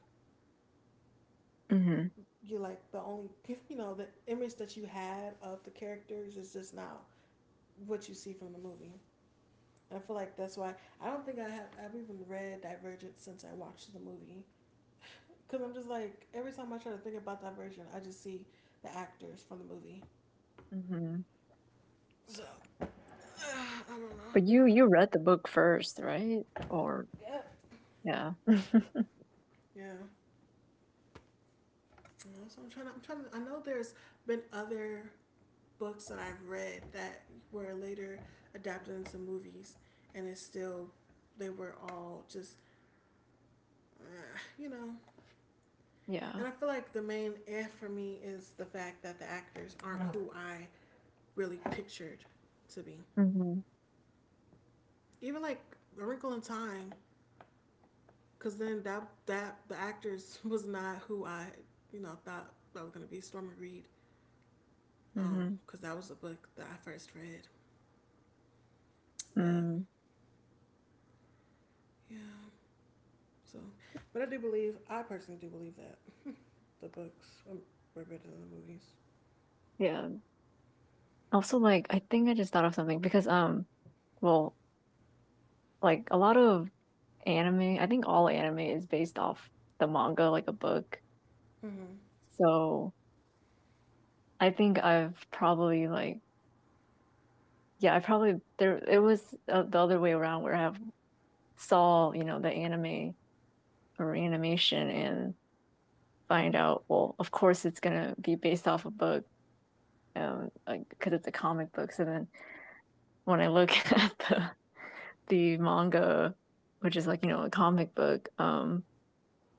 S2: Hmm.
S1: you like the only the image that you had of the characters is just now what you see from the movie. And I feel like that's why I don't think I've even read Divergent since I watched the movie because I'm just like every time I try to think about Divergent, I just see the actors from the movie.
S2: Hmm.
S1: So uh, I don't know.
S2: But you read the book first, right? Or
S1: Yeah.
S2: yeah,
S1: Yeah. So I'm trying to, I know there's been other books that I've read that were later adapted into movies, and it's still they were all just uh, you know.
S2: yeah.
S1: And I feel like the main F for me is the fact that the actors aren't who I really pictured to be.
S2: Hmm.
S1: Even like A Wrinkle in Time, because then that that the actors was not who I thought that was gonna be Stormy Reed.
S2: Hmm.
S1: Because that was a book that I first read. But
S2: Mm.
S1: yeah. So, but I do believe, I personally do believe that the books were better than the movies.
S2: Yeah. Also, like, I think I just thought of something because well, like, a lot of Anime, I think all anime is based off the manga, like, a book.
S1: Mm-hmm.
S2: So, I think I've probably, like, yeah, I probably there it was, the other way around where I have saw, you know, the anime or animation and find out, well, of course, it's gonna be based off a book, like because it's a comic book, so then when I look at the manga, which is, like, you know, a comic book,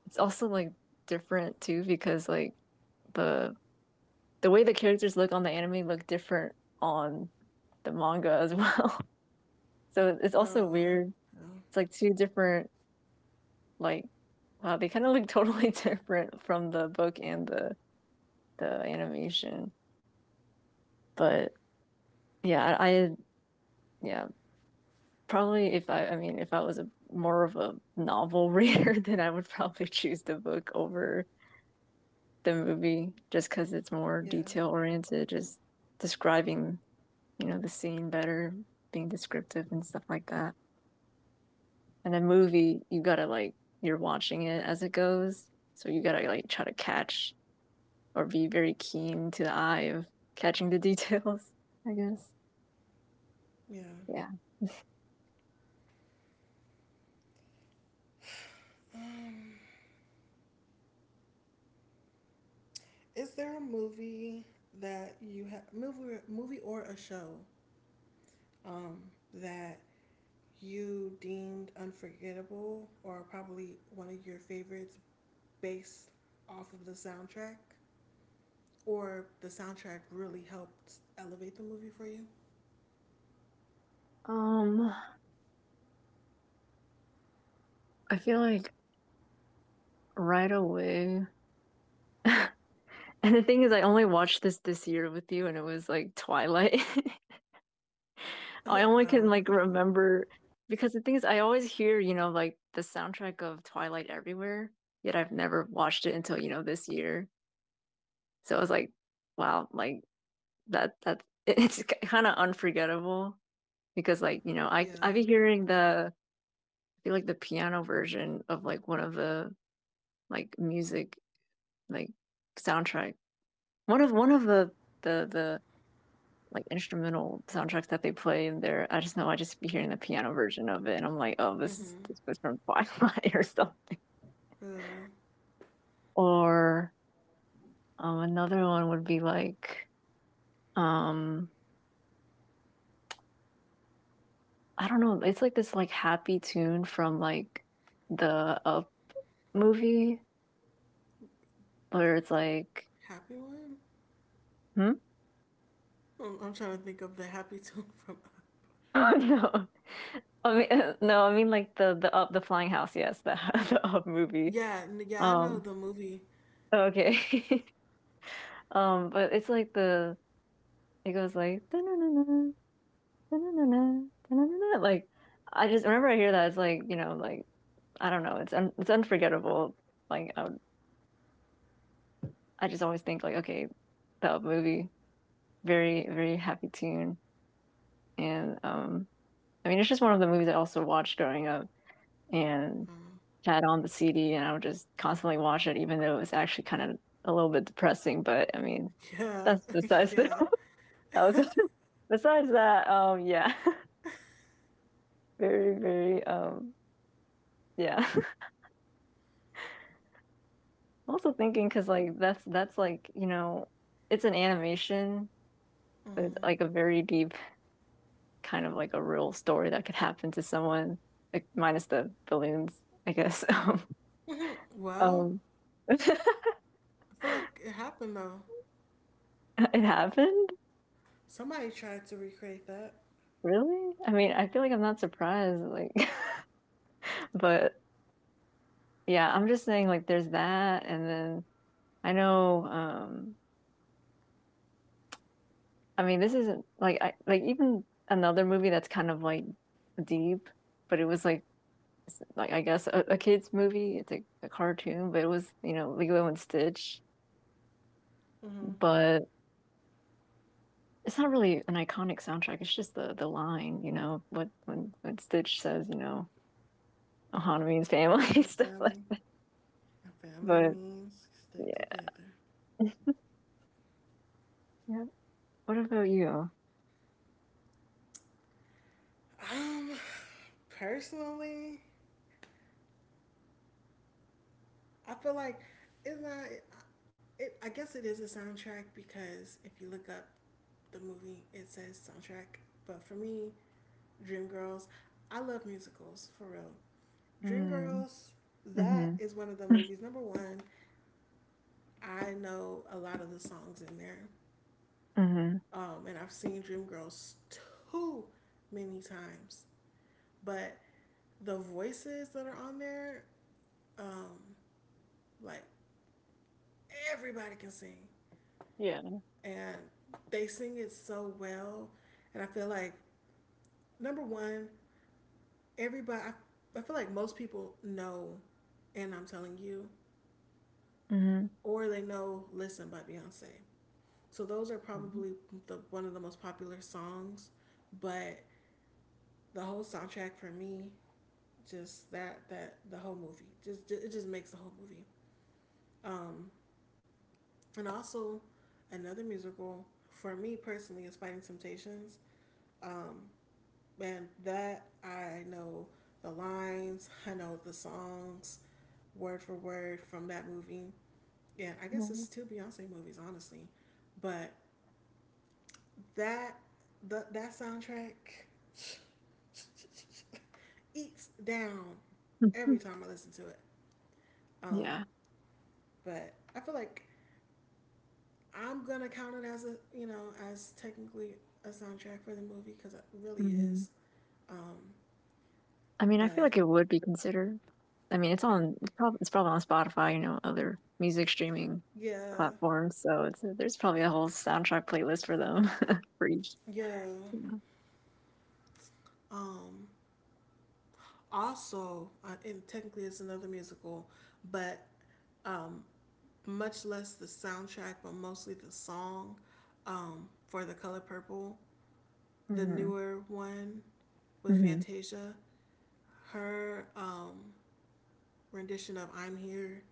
S2: it's also, like, different too because, like, the the way the characters look on the anime look different on the manga as well. So it's also
S1: Oh,
S2: weird.
S1: oh,
S2: It's like two different, like, wow, they kind of look totally different from the book and the animation. But yeah, I, yeah, probably if I mean if I was a more of a novel reader, then I would probably choose the book over the movie just cuz it's more
S1: yeah,
S2: detail oriented, just describing, you know, the scene better, being descriptive and stuff like that. And a movie, you gotta like, you're watching it as it goes, so you gotta like try to catch or be very keen to the eye of catching the details. I guess.
S1: yeah.
S2: Yeah.
S1: Um, is there a movie that you have movie or a show, um, that you deemed unforgettable or probably one of your favorites based off of the soundtrack, or the soundtrack really helped elevate the movie for you?
S2: Um, I feel like right away. And the thing is, I only watched this this year with you, and it was like Twilight. I only can like remember because the thing is, I always hear, you know, like the soundtrack of Twilight everywhere, yet I've never watched it until, you know, this year. So I was like, wow, like, that it's kind of unforgettable because, like, you know, I
S1: Yeah.
S2: I've been hearing the, I feel like the piano version of like one of the, like, music, like, soundtrack, one of the, like, instrumental soundtracks that they play in there. I just know I just be hearing the piano version of it, and I'm like, oh, this is,
S1: Mhm.
S2: this was from Twilight or something.
S1: Yeah.
S2: Or another one would be like um I don't know, it's like this, like, happy tune from like the movie where it's like,
S1: Happy one?
S2: hmm?
S1: I'm trying to think of the happy tune from.
S2: No. I mean, no, I mean like the up, the flying house. Yes, the the Up movie.
S1: Yeah, yeah, I know
S2: Um,
S1: the movie.
S2: okay. But it's like the, it goes like, "Da-na-na-na, da-na-na-na, da-na-na-na," like, I just, whenever I hear that, it's like, you know, like, I don't know, it's un-, it's unforgettable. Like, I would, I just always think, like, okay, the Up movie, very, very happy tune, and I mean it's just one of the movies I also watched growing up, and
S1: Um,
S2: had on the CD and I would just constantly watch it, even though it was actually kind of a little bit depressing. But I mean,
S1: yeah,
S2: that's besides the,
S1: yeah.
S2: that was besides that. Yeah, very, very, yeah. I'm also thinking because
S1: hmm
S2: like that's like, you know, it's an animation, but it's like a very deep, kind of like a real story that could happen to someone, like minus the balloons, I guess.
S1: Well,
S2: um, it
S1: I feel like it happened though.
S2: happened.
S1: Somebody tried to recreate that.
S2: Really? I mean, I feel like I'm not surprised. Like, but yeah, I'm just saying, like, there's that, and then I know. I mean, this isn't like I, like, even another movie that's kind of like deep, but it was like, I guess a kids movie. It's like a cartoon, but it was, you know, Lilo and Stitch,
S1: Mm-hmm.
S2: but it's not really an iconic soundtrack. It's just the line, you know, what when Stitch says, you know, Hanami's
S1: That
S2: family
S1: means
S2: stuff
S1: family.
S2: like.
S1: And family
S2: But
S1: means stick
S2: yeah,
S1: together.
S2: yeah. What about you?
S1: Um, Personally, I feel like it's not. It, I guess it is a soundtrack because if you look up the movie, it says soundtrack. But for me, Dream Girls. I love musicals for real. Dream
S2: Mm.
S1: Girls, that
S2: Mm-hmm.
S1: is one of the movies. Number one, I know a lot of the songs in there,
S2: Mm-hmm.
S1: and I've seen Dream Girls too many times. But the voices that are on there, um, like everybody can sing,
S2: Yeah.
S1: and they sing it so well. And I feel like number one, everybody. I feel like most people know, and I'm telling you,
S2: Mhm.
S1: or they know Listen by Beyonce. So those are
S2: Mhm.
S1: probably the one of the most popular songs, but the whole soundtrack for me, just that the whole movie, just it just makes the whole movie. Um, and also another musical for me personally is Fighting Temptations. Um, and that I know the lines, I know the songs word for word from that movie. Yeah, I guess
S2: Mhm.
S1: it's two Beyonce movies, honestly. But That the, that soundtrack eats down every time I listen to it. Um,
S2: Yeah.
S1: but I feel like I'm gonna count it as a as technically a soundtrack for the movie because it really
S2: Mhm.
S1: is. Um,
S2: I mean, I feel
S1: but
S2: like it would be considered. I mean, it's on. It's probably, it's probably on Spotify. You know, other music streaming
S1: yeah,
S2: platforms. So it's, there's probably a whole soundtrack playlist for them for each.
S1: yeah.
S2: Yeah.
S1: Um, Also, and technically it's another musical, but um, much less the soundtrack, but mostly the song, for the color purple, the
S2: Hmm.
S1: newer one with
S2: Hmm.
S1: Fantasia. Her rendition of "I'm Here"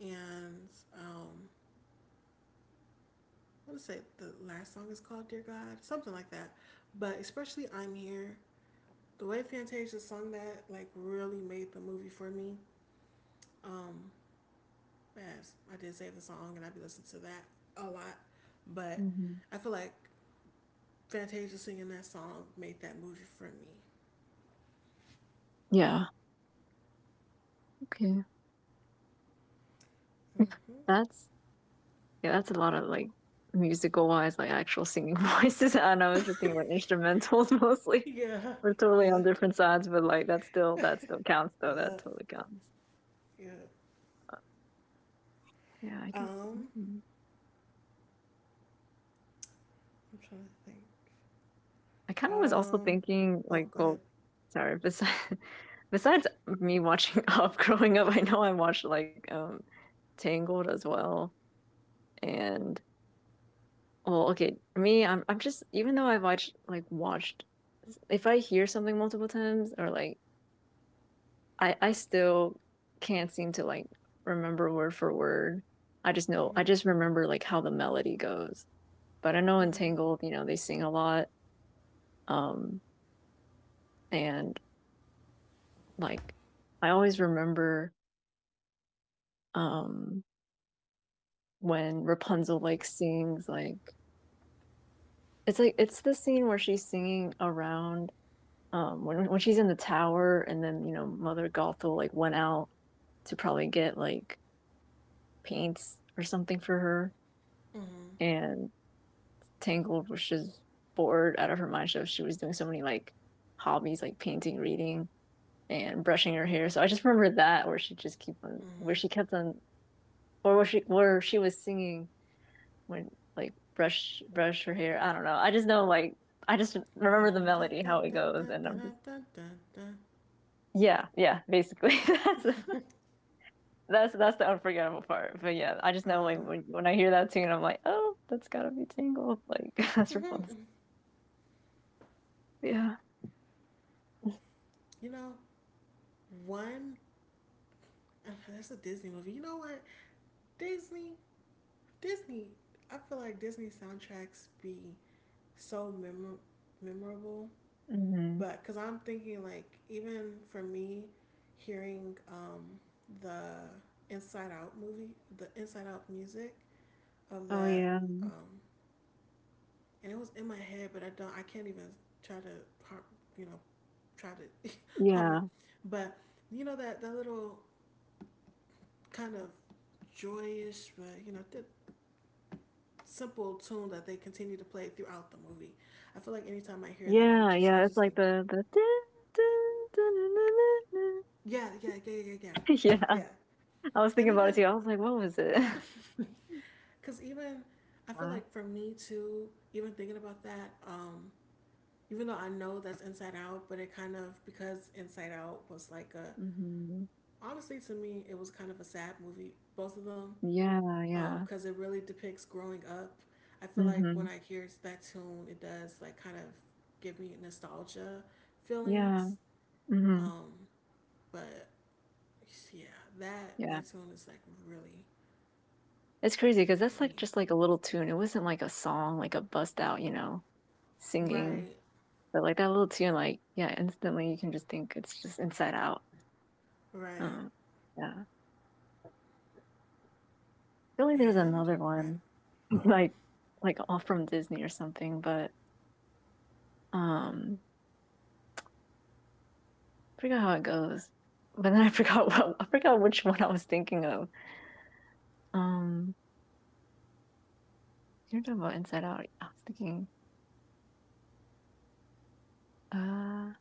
S1: and, um, I want to say the last song is called "Dear God," something like that. But especially "I'm Here," the way Fantasia sung that like really made the movie for me. Um, yes, I did save the song and I'd be listening to that a lot, but
S2: Hmm.
S1: I feel like Fantasia singing that song made that movie for
S2: Yeah. Okay.
S1: me. Hmm
S2: That's, yeah, that's a lot of, like, musical-wise, like, actual singing voices, and I was just thinking, like, instrumentals mostly.
S1: Yeah,
S2: We're totally on
S1: yeah,
S2: different sides, but, like, that still, that still counts, though, that
S1: yeah,
S2: totally counts.
S1: yeah.
S2: Uh, yeah, I can see
S1: Um,
S2: mhm.
S1: I'm trying to think.
S2: I kinda was also
S1: Um.
S2: thinking,
S1: Oh,
S2: like,
S1: go
S2: well,
S1: ahead.
S2: sorry, besides, besides me watching Up growing up, I know I watched, like, Tangled as well, and, well, okay. Me, I'm just, even though I watched, like, watched, if I hear something multiple times or like, I still can't seem to like remember word for word. I just know I
S1: Mhm.
S2: just remember like how the melody goes. But I know
S1: Mhm.
S2: Entangled, you know, they sing a lot. Um and, like, I always remember um when Rapunzel like sings like, it's like, it's the scene where she's singing around when she's in the tower and then, you know, mother gothel like went out to probably get like paints or something for her,
S1: Mhm.
S2: and tangled was just bored out of her mind, so she was doing so many like hobbies, like painting, reading, and brushing her hair. So I just remember that where she just keep on,
S1: Mhm.
S2: where she kept on, or where she, where she was singing when, like, brush her hair. I don't know, I just know, like, I just remember the melody how it goes, and I'm just,
S1: Da-da-da-da-da-da-da-da-da-da.
S2: yeah, yeah, basically that's, that's the unforgettable part. But yeah, I just know like
S1: Uh.
S2: when, I hear that tune, I'm like, oh, that's gotta be Tangled. Like, that's Rapunzel.
S1: mhm.
S2: Yeah.
S1: You know, one. That's a Disney movie. You know what? Disney. Disney. I feel like Disney soundtracks be so memorable,
S2: Hmm.
S1: but because I'm thinking like even for me, hearing the Inside Out movie, the Inside Out music of
S2: Oh
S1: that,
S2: yeah,
S1: um and it was in my head, but I don't. I can't even try to, you know, try to hum
S2: yeah,
S1: it. But you know that that little kind of joyous, but you know, the simple tune that they continue to play throughout the movie. I feel like anytime I hear that, I'm
S2: yeah,
S1: just, I
S2: yeah. It's
S1: just
S2: like
S1: think,
S2: the dun, dun, dun, dun, dun, dun,
S1: yeah, yeah, yeah, yeah, yeah,
S2: dun.
S1: yeah,
S2: Yeah.
S1: yeah.
S2: I was thinking
S1: And
S2: about it
S1: even,
S2: too. I was like, what was it?
S1: cause even, I feel
S2: Uh,
S1: like for me too, even thinking about that, even though I know that's Inside Out, but it kind of because Inside Out was like a
S2: mhm.
S1: honestly, to me, it was kind of a sad movie, both of them,
S2: Yeah, yeah.
S1: because it really depicts growing up. I feel like when
S2: Mhm.
S1: I hear that tune, it does like kind of give me nostalgia
S2: Yeah.
S1: feelings.
S2: Mhm.
S1: Um, but yeah, that
S2: Yeah.
S1: that tune is like really
S2: It's crazy because
S1: for
S2: that's, like,
S1: me.
S2: just, like, a little tune. It wasn't like a song, like a bust out, you know, singing,
S1: Right,
S2: but, like, that little tune, like, yeah, instantly you can just think it's just Inside Out.
S1: right,
S2: Um, yeah. I feel like there's
S1: and
S2: another
S1: right.
S2: one,
S1: Oh,
S2: like like, all from Disney or something, but, um, I forgot how it goes. But then I forgot what, I forgot which one I was thinking of. Um, you're talking about Inside Out. I was thinking, uh,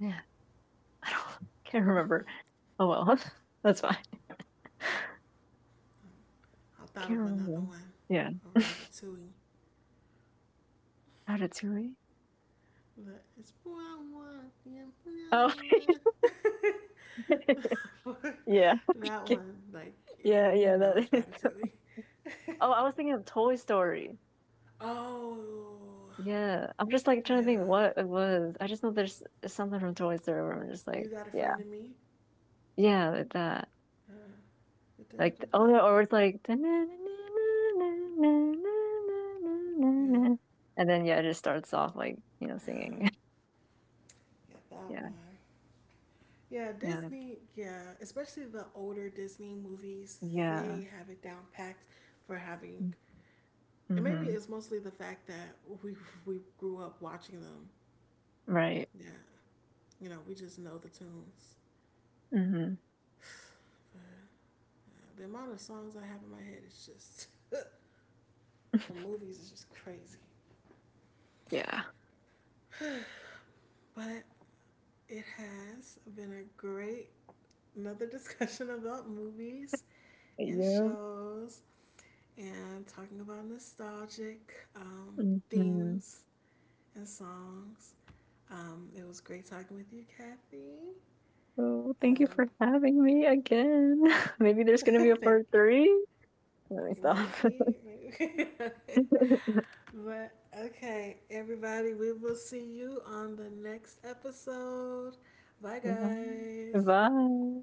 S2: yeah. I don't, can't remember. Oh well, that's fine.
S1: I thought
S2: Can't
S1: of another
S2: remember.
S1: one,
S2: Yeah.
S1: a Ratatouille.
S2: Ratatouille.
S1: But it's what I want, yeah, what I
S2: Oh,
S1: want.
S2: yeah,
S1: That
S2: yeah,
S1: one, like, you
S2: yeah.
S1: know,
S2: That
S1: it's
S2: is.
S1: Ratatouille.
S2: Oh, I was thinking of Toy Story.
S1: Oh,
S2: Yeah, I'm just like trying
S1: yeah.
S2: to think what it was. I just know there's something from Toy Story where I'm just
S1: You
S2: like,
S1: got a
S2: yeah,
S1: friend in me?
S2: yeah, like that.
S1: Uh,
S2: Like, oh
S1: da-da-da-da.
S2: no, or it's like, and
S1: Yeah,
S2: then yeah, it just starts off like, you know,
S1: yeah.
S2: singing.
S1: Yeah, that
S2: Yeah,
S1: one. Yeah,
S2: yeah,
S1: Disney, yeah, especially the older Disney movies,
S2: yeah.
S1: they have it down packed for having. And maybe
S2: Mm-hmm.
S1: it's mostly the fact that we we grew up watching them.
S2: Right.
S1: Yeah, you know, we just know the tunes.
S2: Mhm.
S1: But, the amount of songs I have in my head is just from movies is just crazy.
S2: Yeah.
S1: But it has been a great another discussion about movies and
S2: Yep.
S1: shows and talking about nostalgic,
S2: Mhm.
S1: themes and songs. It was great talking with you, Kathy.
S2: So thank you
S1: Um,
S2: for having me again. Maybe there's gonna be a part
S1: thank
S2: three? Let me
S1: you.
S2: stop.
S1: Maybe. Maybe. But okay, everybody, we will see you on the next episode. Bye,
S2: Bye.
S1: guys.
S2: Bye.